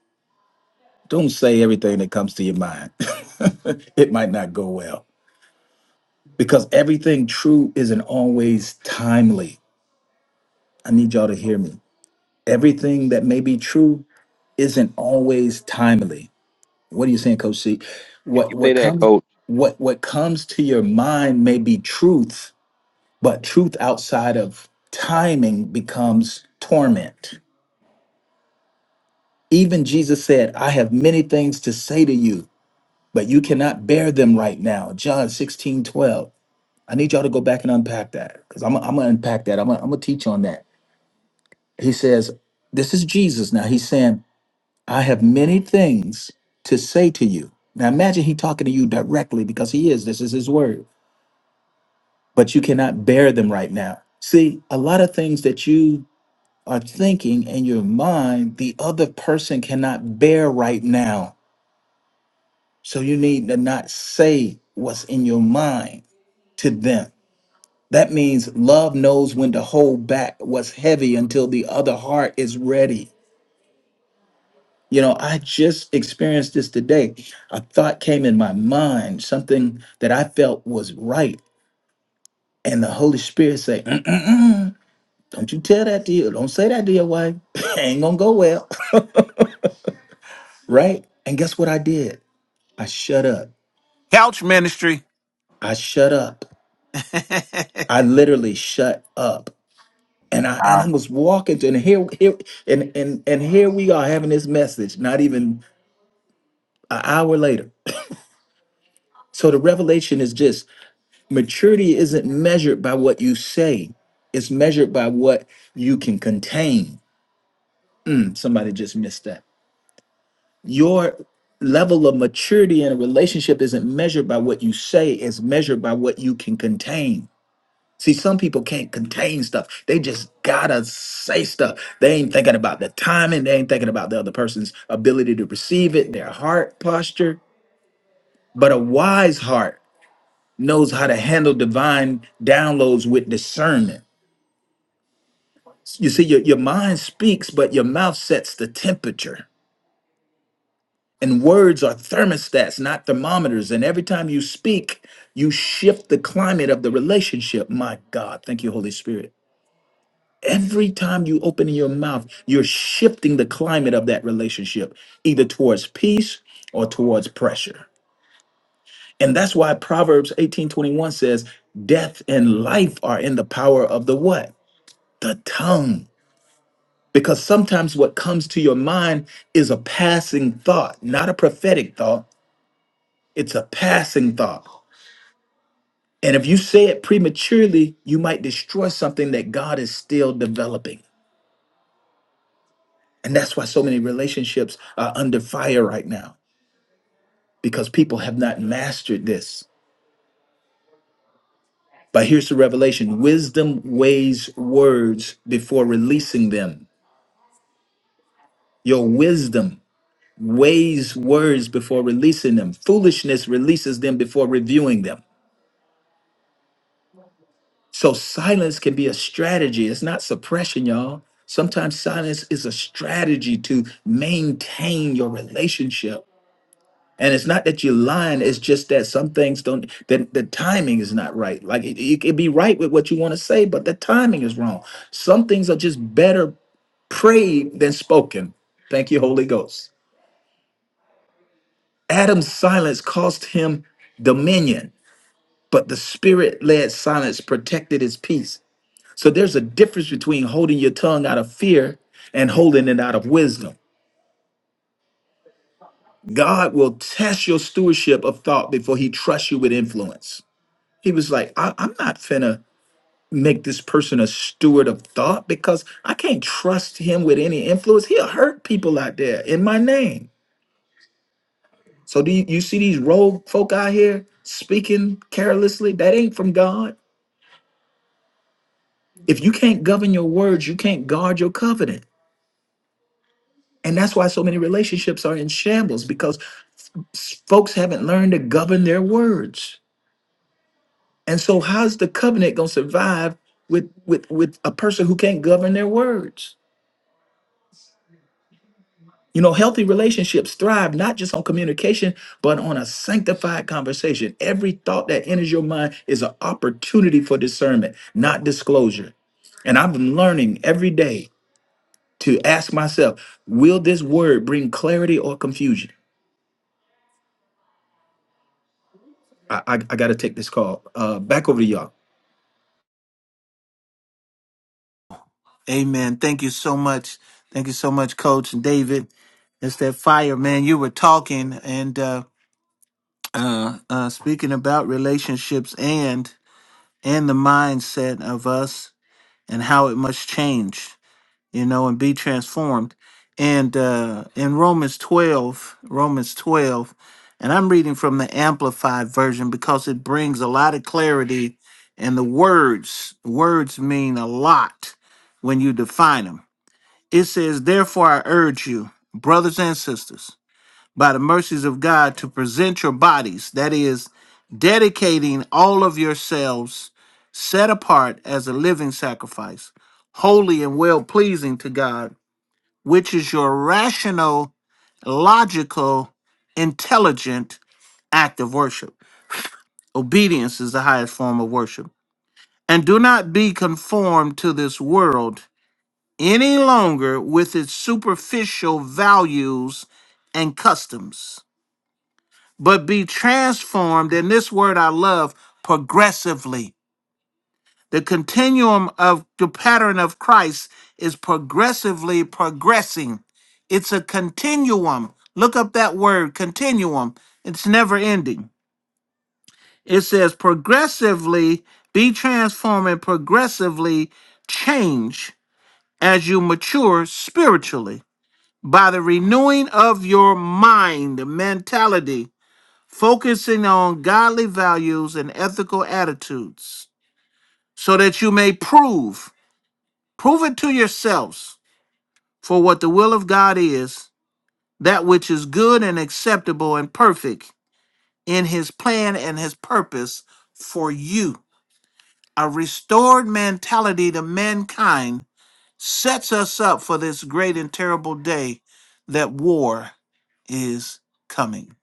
don't say everything that comes to your mind. it might not go well because everything true isn't always timely. I need y'all to hear me. Everything that may be true isn't always timely. What are you saying, Coach C? You What say what that, comes coach. what what comes to your mind may be truth, But truth outside of timing becomes torment. Even Jesus said, I have many things to say to you, but you cannot bear them right now. John 16 12. I need y'all to go back and unpack that because I'm, I'm going to unpack that. I'm going to teach on that. He says, This is Jesus now. He's saying, I have many things to say to you. Now imagine he talking to you directly because he is. This is his word, but you cannot bear them right now. See, a lot of things that you are thinking in your mind the other person cannot bear right now. So you need to not say what's in your mind to them. That means love knows when to hold back what's heavy until the other heart is ready. You know, I just experienced this today. A thought came in my mind, something that I felt was right. And the Holy Spirit said, "Mm-mm-mm. Don't you tell that to you. Don't say that to your wife. Ain't going to go well. Right. And guess what I did? I shut up. Couch ministry. I shut up. I literally shut up. And I I and I was walking to and here here and and and here we are having this message, not even an hour later. So the revelation is just maturity isn't measured by what you say, it's measured by what you can contain. Hmm, Somebody just missed that. Your level of maturity in a relationship isn't measured by what you say, it's measured by what you can contain. See, some people can't contain stuff. They just gotta say stuff. They ain't thinking about the timing. They ain't thinking about the other person's ability to receive it, their heart posture. But a wise heart knows how to handle divine downloads with discernment. You see, your, your mind speaks, but your mouth sets the temperature. And words are thermostats, not thermometers. And every time you speak, you shift the climate of the relationship. My God, thank you, Holy Spirit. Every time you open your mouth, you're shifting the climate of that relationship either towards peace or towards pressure. And that's why Proverbs 18:21 says, "Death and life are in the power of the what? The tongue." Because sometimes what comes to your mind is a passing thought, not a prophetic thought. It's a passing thought. And if you say it prematurely, you might destroy something that God is still developing. And that's why so many relationships are under fire right now because people have not mastered this. But here's the revelation wisdom weighs words before releasing them. Your wisdom weighs words before releasing them. Foolishness releases them before reviewing them. So silence can be a strategy. It's not suppression, y'all. Sometimes silence is a strategy to maintain your relationship. And it's not that you're lying, it's just that some things don't, that the timing is not right. Like it, you can be right with what you want to say, but the timing is wrong. Some things are just better prayed than spoken. Thank you, Holy Ghost. Adam's silence cost him dominion, but the spirit led silence protected his peace. So there's a difference between holding your tongue out of fear and holding it out of wisdom. God will test your stewardship of thought before he trusts you with influence. He was like, I, am not finna make this person a steward of thought because I can't trust him with any influence. He'll hurt people out there in my name. So do you, you see these rogue folk out here speaking carelessly? That ain't from God. If you can't govern your words, you can't guard your covenant. And that's why so many relationships are in shambles because s- folks haven't learned to govern their words. And so how's the covenant going to survive with with with a person who can't govern their words? You know, healthy relationships thrive not just on communication, but on a sanctified conversation. Every thought that enters your mind is an opportunity for discernment, not disclosure. And I've been learning every day to ask myself, will this word bring clarity or confusion? I, I, I got to take this call. Uh, back over to y'all. Amen. Thank you so much. Thank you so much, Coach and David. It's that fire, man. You were talking and uh, uh, uh, speaking about relationships and and the mindset of us and how it must change, you know, and be transformed. And uh, in Romans 12, Romans 12, and I'm reading from the Amplified Version because it brings a lot of clarity and the words, words mean a lot when you define them. It says, Therefore, I urge you, brothers and sisters, by the mercies of God to present your bodies, that is, dedicating all of yourselves set apart as a living sacrifice, holy and well pleasing to God, which is your rational, logical, intelligent act of worship. Obedience is the highest form of worship. And do not be conformed to this world any longer with its superficial values and customs but be transformed. And this word I love progressively. The continuum of the pattern of Christ is progressively progressing. It's a continuum. Look up that word, continuum. It's never ending. It says, progressively be transformed and progressively change as you mature spiritually by the renewing of your mind, mentality focusing on godly values and ethical attitudes, so that you may prove, prove it to yourselves, for what the will of God is, that which is good and acceptable and perfect in His plan and His purpose for you. A restored mentality to mankind sets us up for this great and terrible day that war is coming.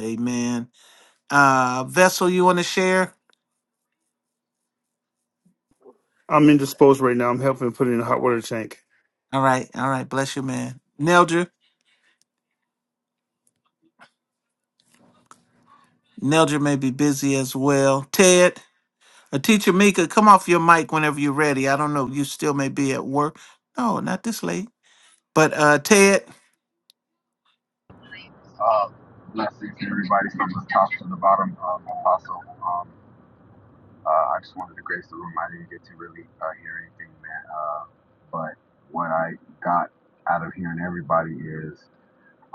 Amen. Uh, Vessel, you want to share? I'm indisposed right now. I'm helping put in a hot water tank. All right, all right. Bless you, man. Neldra, Neldra may be busy as well. Ted, a teacher Mika, come off your mic whenever you're ready. I don't know. You still may be at work. No, not this late. But uh, Ted, uh, blessings to everybody from the top to the bottom. Um, Apostle, um, uh, I just wanted to grace the room. I didn't get to really uh, hear anything, man. Uh, but what I got out of hearing everybody is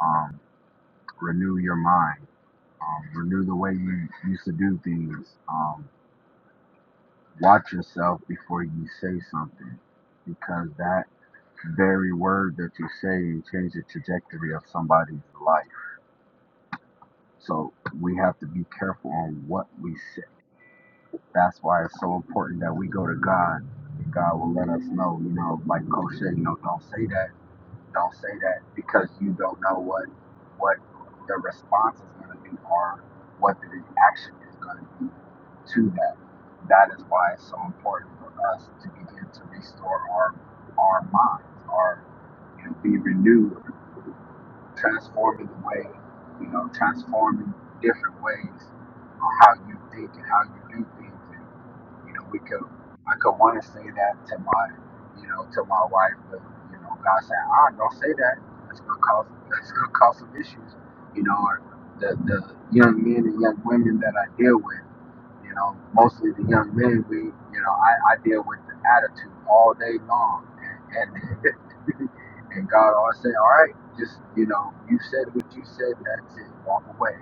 um, renew your mind, um, renew the way you used to do things. Um, watch yourself before you say something, because that very word that you say can change the trajectory of somebody's life. So we have to be careful on what we say That's why it's so important that we go to God. God will let us know, you know, like Coach said, you know, don't say that, don't say that, because you don't know what what the response is going to be or what the reaction is going to be to that. That is why it's so important for us to begin to restore our our minds, our you know, be renewed transforming the way, you know, transforming different ways on how you think and how you do things. And, you know, we could, I could want to say that to my, you know, to my wife, but, you know, God said, ah, don't say that. That's going to cause, that's going to cause some issues, you know, or the, the young men and young women that I deal with, you know, mostly the young men, we, you know, I, I deal with the attitude all day long. And, and And God always said, all right, just, you know, you said what you said, that's it, walk away,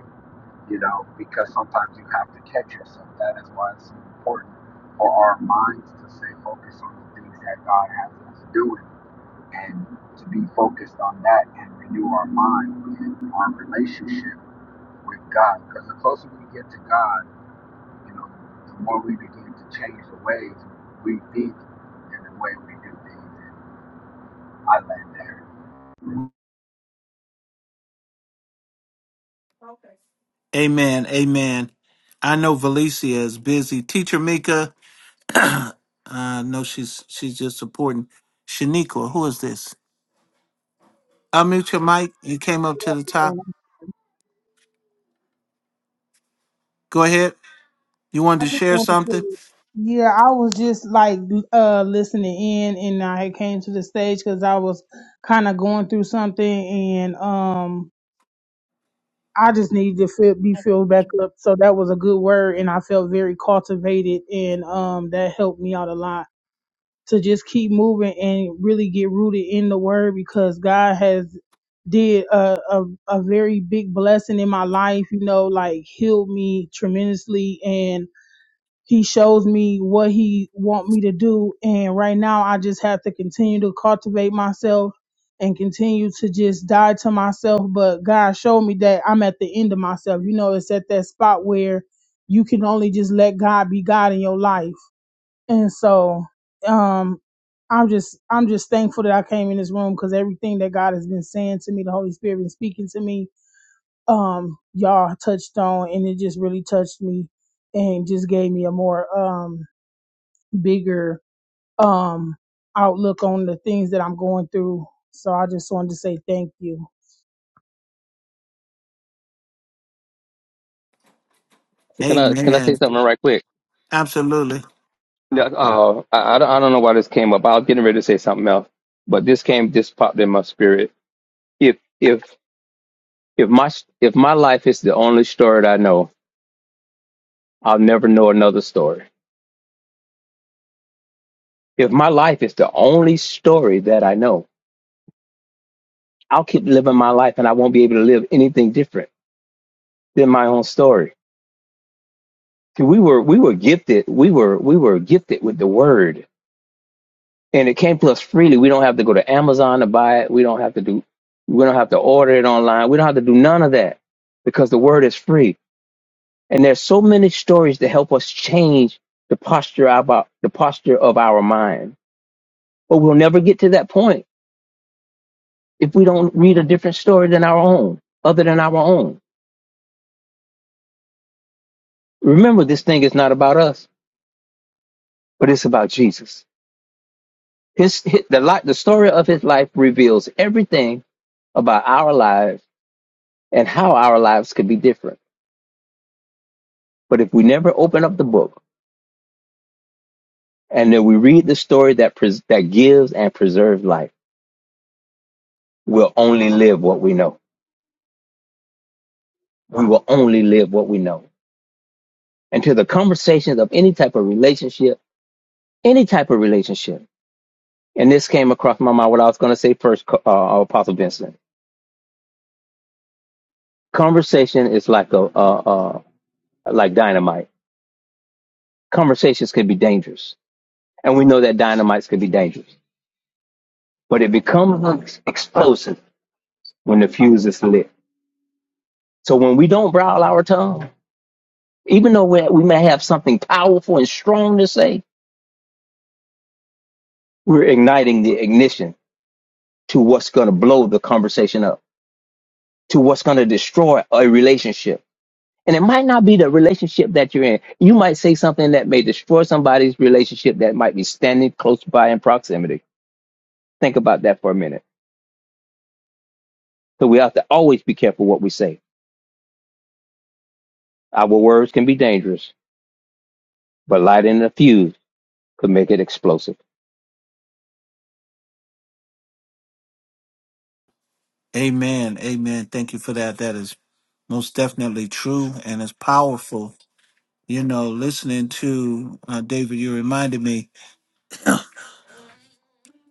you know, because sometimes you have to catch yourself. That is why it's so important for our minds to stay focused on the things that God has us doing and to be focused on that and renew our mind and our relationship with God. Because the closer we get to God, you know, the more we begin to change the ways we think and the way we do things. And I land there. Amen. Amen. I know Valicia is busy. Teacher Mika, I know she's she's just supporting. Shaniqua, who is this? Unmute your mic. You came up to the top. Go ahead. You wanted I to just share wanted something? to, yeah, I was just like uh listening in, and I had came to the stage because I was kind of going through something, and um, I just needed to feel, be filled back up. So that was a good word, and I felt very cultivated, and um, that helped me out a lot to just keep moving and really get rooted in the word because God has did a, a a very big blessing in my life you know like healed me tremendously and. He shows me what he want me to do. And right now I just have to continue to cultivate myself and continue to just die to myself. But God showed me that I'm at the end of myself. You know, it's at that spot where you can only just let God be God in your life. And so, um, I'm just I'm just thankful that I came in this room because everything that God has been saying to me, the Holy Spirit been speaking to me, um, y'all touched on and it just really touched me and just gave me a more um bigger um outlook on the things that I'm going through. So I just wanted to say thank you. Can I can I say Amen. something right quick? Absolutely. Yeah, Uh, I, I don't I don't know why this came up. I was getting ready to say something else, but this came this popped in my spirit. If if If my if my life is the only story that I know, I'll never know another story. If my life is the only story that I know, I'll keep living my life and I won't be able to live anything different than my own story. See, we were we were gifted. We were we were gifted with the word, and it came to us freely. We don't have to go to Amazon to buy it. We don't have to do. We don't have to order it online. We don't have to do none of that because the word is free. And there's so many stories to help us change the posture about the posture of our mind But we'll never get to that point if we don't read a different story than our own, other than our own. Remember, this thing is not about us, but it's about Jesus. His, his the li the story of his life reveals everything about our lives and how our lives could be different. But if we never open up the book and then we read the story that pres- that gives and preserves life, we'll only live what we know. We will only live what we know. And to the conversations of any type of relationship, any type of relationship. And this came across my mind. What I was going to say first, uh, Apostle Vincent. Conversation is like a uh, uh, like dynamite. Conversations can be dangerous, and we know that dynamites can be dangerous. But it becomes explosive when the fuse is lit. So when we don't growl our tongue, even though we, we may have something powerful and strong to say, we're igniting the ignition to what's going to blow the conversation up, to what's going to destroy a relationship And it might not be the relationship that you're in. You might say something that may destroy somebody's relationship that might be standing close by in proximity. Think about that for a minute. So we have to always be careful what we say. Our words can be dangerous, but lighting the fuse could make it explosive. Amen. Amen. Thank you for that. That is most definitely true and it's powerful. You know, listening to uh, David, you reminded me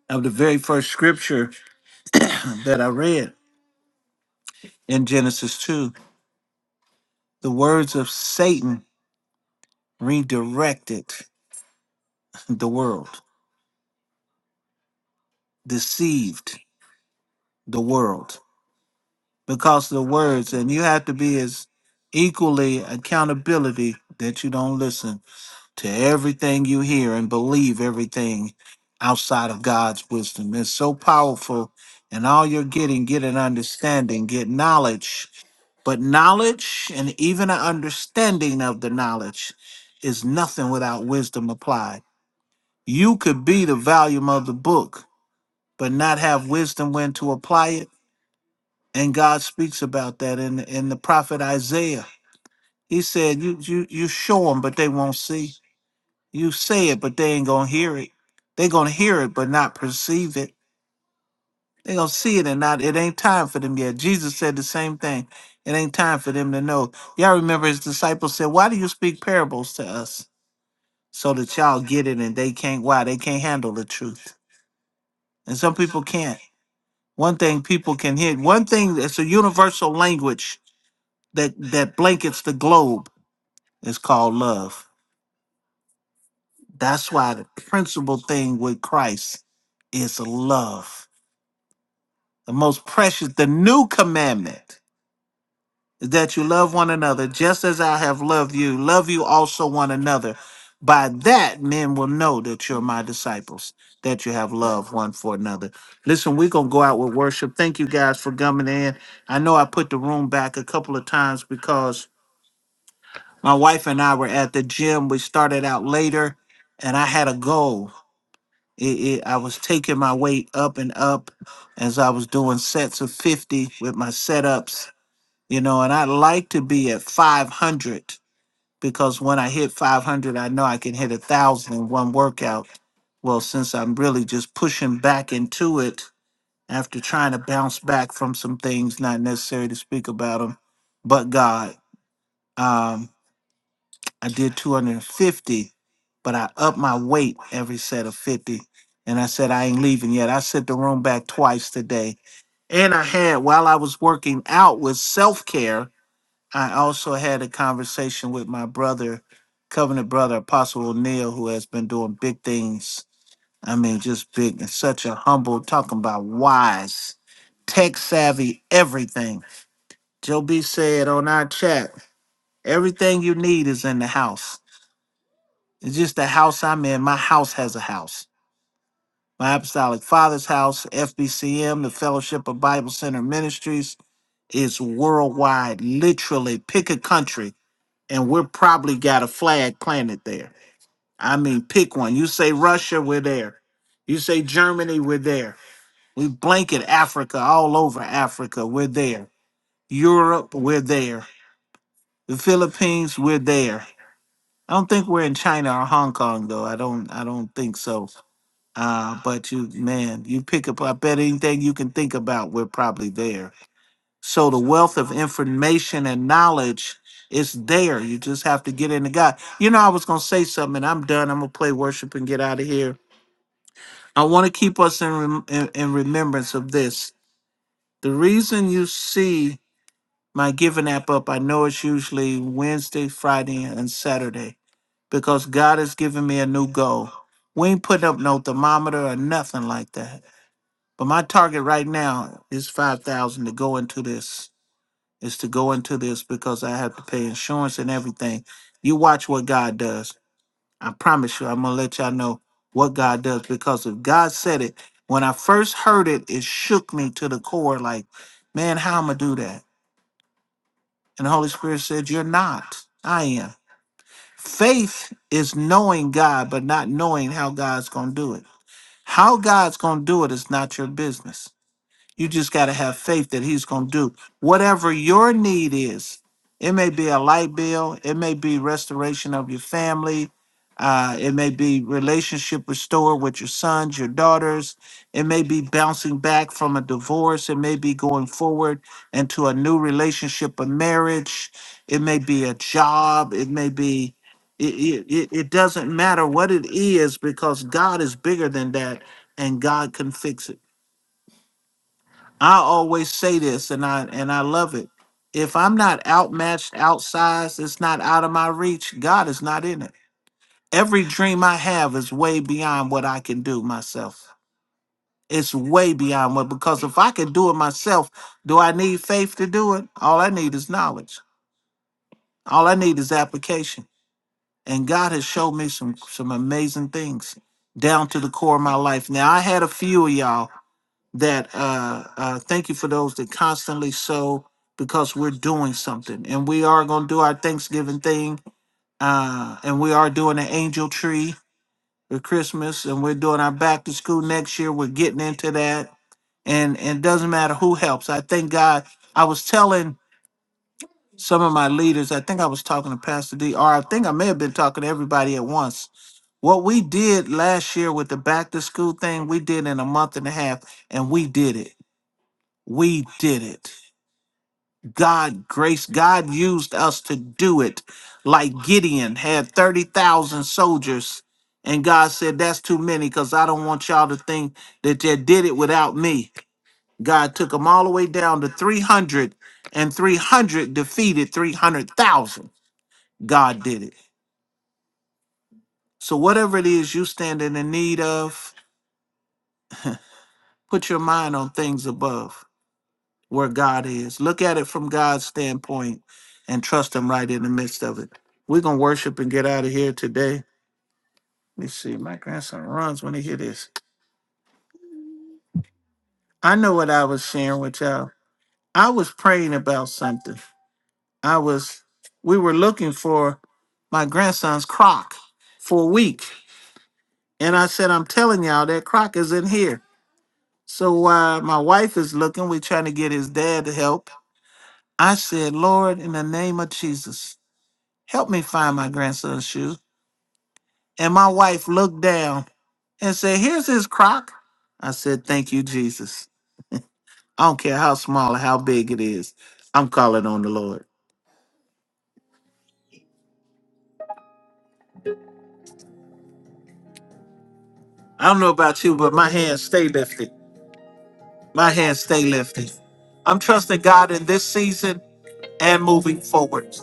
of the very first scripture that I read in Genesis 2 The words of Satan redirected the world, deceived the world, because the words, and you have to be as equally accountability that you don't listen to everything you hear and believe everything outside of God's wisdom. It's so powerful, and all you're getting, get an understanding, get knowledge. But knowledge and even an understanding of the knowledge is nothing without wisdom applied. You could be the volume of the book, but not have wisdom when to apply it. And God speaks about that in in the prophet Isaiah. He said, "You you you show them, but they won't see. You say it, but they ain't gonna hear it. They gonna hear it, but not perceive it. They gonna see it and not. It ain't time for them yet." Jesus said the same thing. It ain't time for them to know. Y'all remember his disciples said, "Why do you speak parables to us?" So that y'all get it, and they can't. Why they can't handle the truth, and some people can't. One thing people can hear. One thing that's a universal language that that blankets the globe is called love. That's why the principal thing with Christ is love. The most precious, the new commandment. that you love one another just as I have loved you. Love you also one another. By that, men will know that you're my disciples, that you have love one for another. Listen, we're going to go out with worship. Thank you guys for coming in. I know I put the room back a couple of times because my wife and I were at the gym. We started out later, and I had a goal. It, it, I was taking my weight up and up as I was doing sets of 50 with my setups you know, and I like to be at 500 because when I hit 500, I know I can hit a thousand in one workout. Well, since I'm really just pushing back into it after trying to bounce back from some things, not necessary to speak about them, but God, um, I did 250, but I upped my weight every set of 50. And I said, I ain't leaving yet. I set the room back twice today. And I had, while I was working out with self care, I also had a conversation with my brother, covenant brother Apostle O'Neill, who has been doing big things. I mean, just big and such a humble, talking about wise, tech savvy, everything. Joe B said on our chat, everything you need is in the house. It's just the house I'm in. My house has a house. My Apostolic Father's house, FBCM, the Fellowship of Bible Center Ministries, is worldwide. Literally, pick a country and we're probably got a flag planted there. I mean, pick one. You say Russia, we're there. You say Germany, we're there. We blanket Africa, all over Africa, we're there. Europe, we're there. The Philippines, we're there. I don't think we're in China or Hong Kong though. I don't. I don't think so. Uh, but you, man, you pick up. I bet anything you can think about, we're probably there So the wealth of information and knowledge is there. You just have to get into God. You know, I was gonna say something, and I'm done. I'm gonna play worship and get out of here. I want to keep us in, rem- in in remembrance of this. The reason you see my giving app up, I know it's usually Wednesday, Friday, and Saturday because God has given me a new goal. We ain't putting up no thermometer or nothing like that. But my target right now is five thousand to go into this. is to go into this because I have to pay insurance and everything. You watch what God does. I promise you, I'm gonna let y'all know what God does because if God said it, when I first heard it, it shook me to the core. Like, man, how am I do that? And the Holy Spirit said, "You're not. I am." Faith is knowing God, but not knowing how God's gonna do it. How God's gonna do it is not your business. You just got to have faith that He's going to do whatever your need is. It may be a light bill, it may be restoration of your family, uh, it may be relationship restored with your sons, your daughters, it may be bouncing back from a divorce, it may be going forward into a new relationship, a marriage, it may be a job, it may be. It, it, it it doesn't matter what it is because God is bigger than that and God can fix it. I always say this and I and I love it. If I'm not outmatched, outsized, it's not out of my reach, God is not in it. Every dream I have is way beyond what I can do myself. It's way beyond what because if I can do it myself, do I need faith to do it? All I need is knowledge. All I need is application. And God has showed me some some amazing things down to the core of my life. Now I had a few of y'all. that uh, uh, thank you for those that constantly sow because we're doing something and we are going to do our Thanksgiving thing uh, and we are doing an angel tree for Christmas and we're doing our back to school next year. We're getting into that and, and it doesn't matter who helps. I thank God. I was telling some of my leaders, I think I was talking to Pastor D, or I think I may have been talking to everybody at once. What we did last year with the back to school thing, we did in a month and a half and we did it we did it. God grace, God used us to do it. Like Gideon had 30,000 soldiers, and God said, That's too many because I don't want y'all to think that they did it without me. God took them all the way down to 300, and 300 defeated 300,000. God did it. So, whatever it is you stand in the need of, put your mind on things above. where God is. Look at it from God's standpoint and trust Him right in the midst of it. We're going to worship and get out of here today. Let me see. My grandson runs when he hear this. I know what I was sharing with y'all. I was praying about something. I was, we were looking for my grandson's crock for a week. And I said, I'm telling y'all, that crock is in here. So while my wife is looking, we're trying to get his dad to help. I said, Lord, in the name of Jesus, help me find my grandson's shoes. And my wife looked down and said, Here's his crock. I said, Thank you, Jesus. I don't care how small or how big it is. I'm calling on the Lord. I don't know about you, but my hands stay lifted. My hands stay lifted. I'm trusting God in this season and moving forward.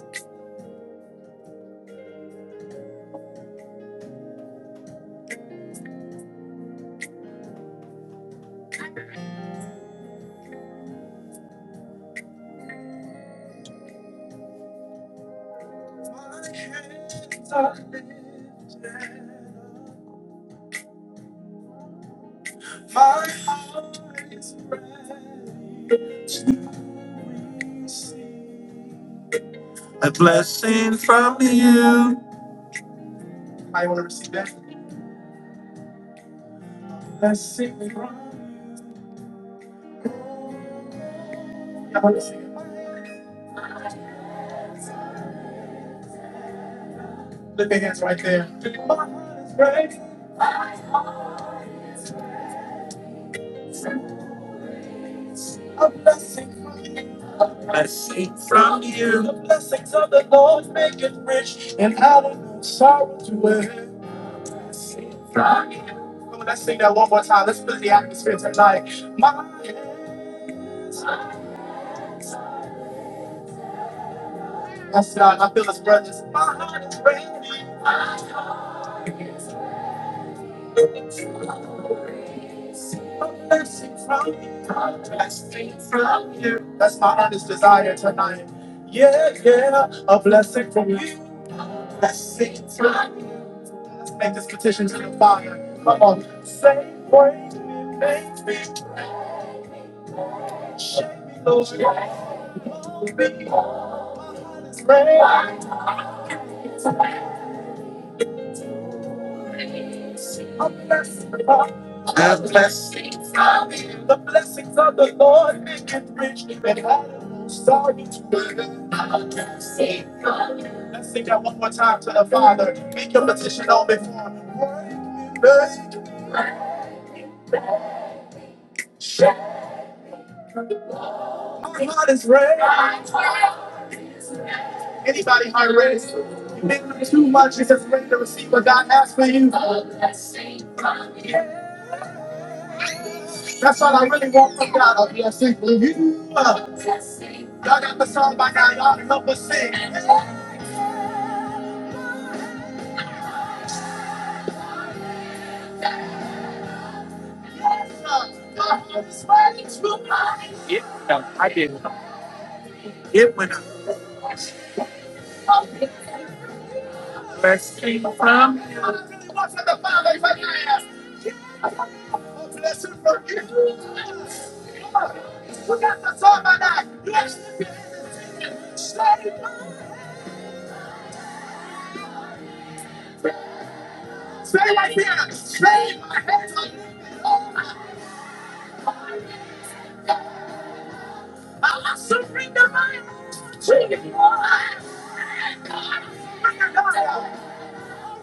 My heart is praising. A blessing from you. I want to receive that blessing from you. Y'all wanna see it? Look at hands right there. My heart is ready. A blessing from you. Blessing from you. The blessings of the Lord make it rich and out of no sorrow to it. Come on, let's sing that one more time. Let's fill the atmosphere tonight. My hands. That's God. I feel his presence. My heart is ready. mercy from you, blessing from you. That's my honest desire tonight. Yeah, yeah, a blessing from you, blessing from you. Let's Make this petition to the Father. Come on, say, wait, make me, shake me, Lord. Mold me, pray. A blessing from you. A blessing from you. The blessings of the Lord make it rich and add no sorrow to it. Let's sing that one more time to the Father. Make your petition known before Him. Wake me, wake. My heart is ready. Anybody heart ready? You've been through too much. you just ready to receive what God has for you. That's all I really want from God. I'll be for you. Y'all got the song by now. Y'all can help us sing. Yes, sir. My heart is ready to rise. It went up. I really want from the Father if I can ask. A blessing from you. We got the song on that. Bless him. Stay stay right here. Stay my hands on you. Oh, my God. I surrender my life to you. Rest my life.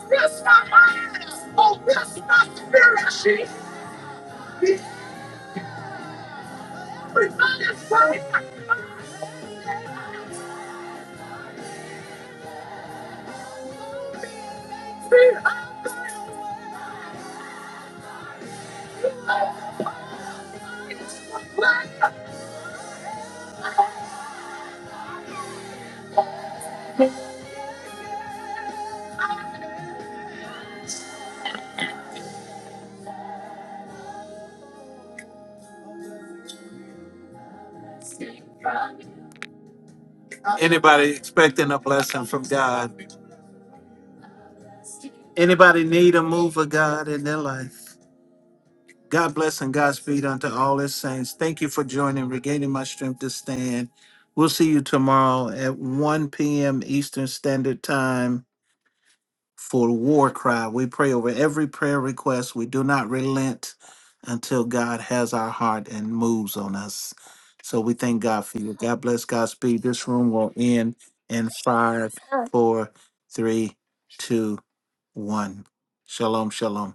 Bless my mind. Oh, rest my spirit. She, Everybody's fighting. Anybody expecting a blessing from God? Anybody need a move of God in their life? God bless and Godspeed unto all his saints. Thank you for joining, regaining my strength to stand. We'll see you tomorrow at 1 p.m. Eastern Standard Time for War Cry. We pray over every prayer request. We do not relent until God has our heart and moves on us. So we thank God for you. God bless, Godspeed. This room will end in five, four, three, two, one. Shalom, shalom.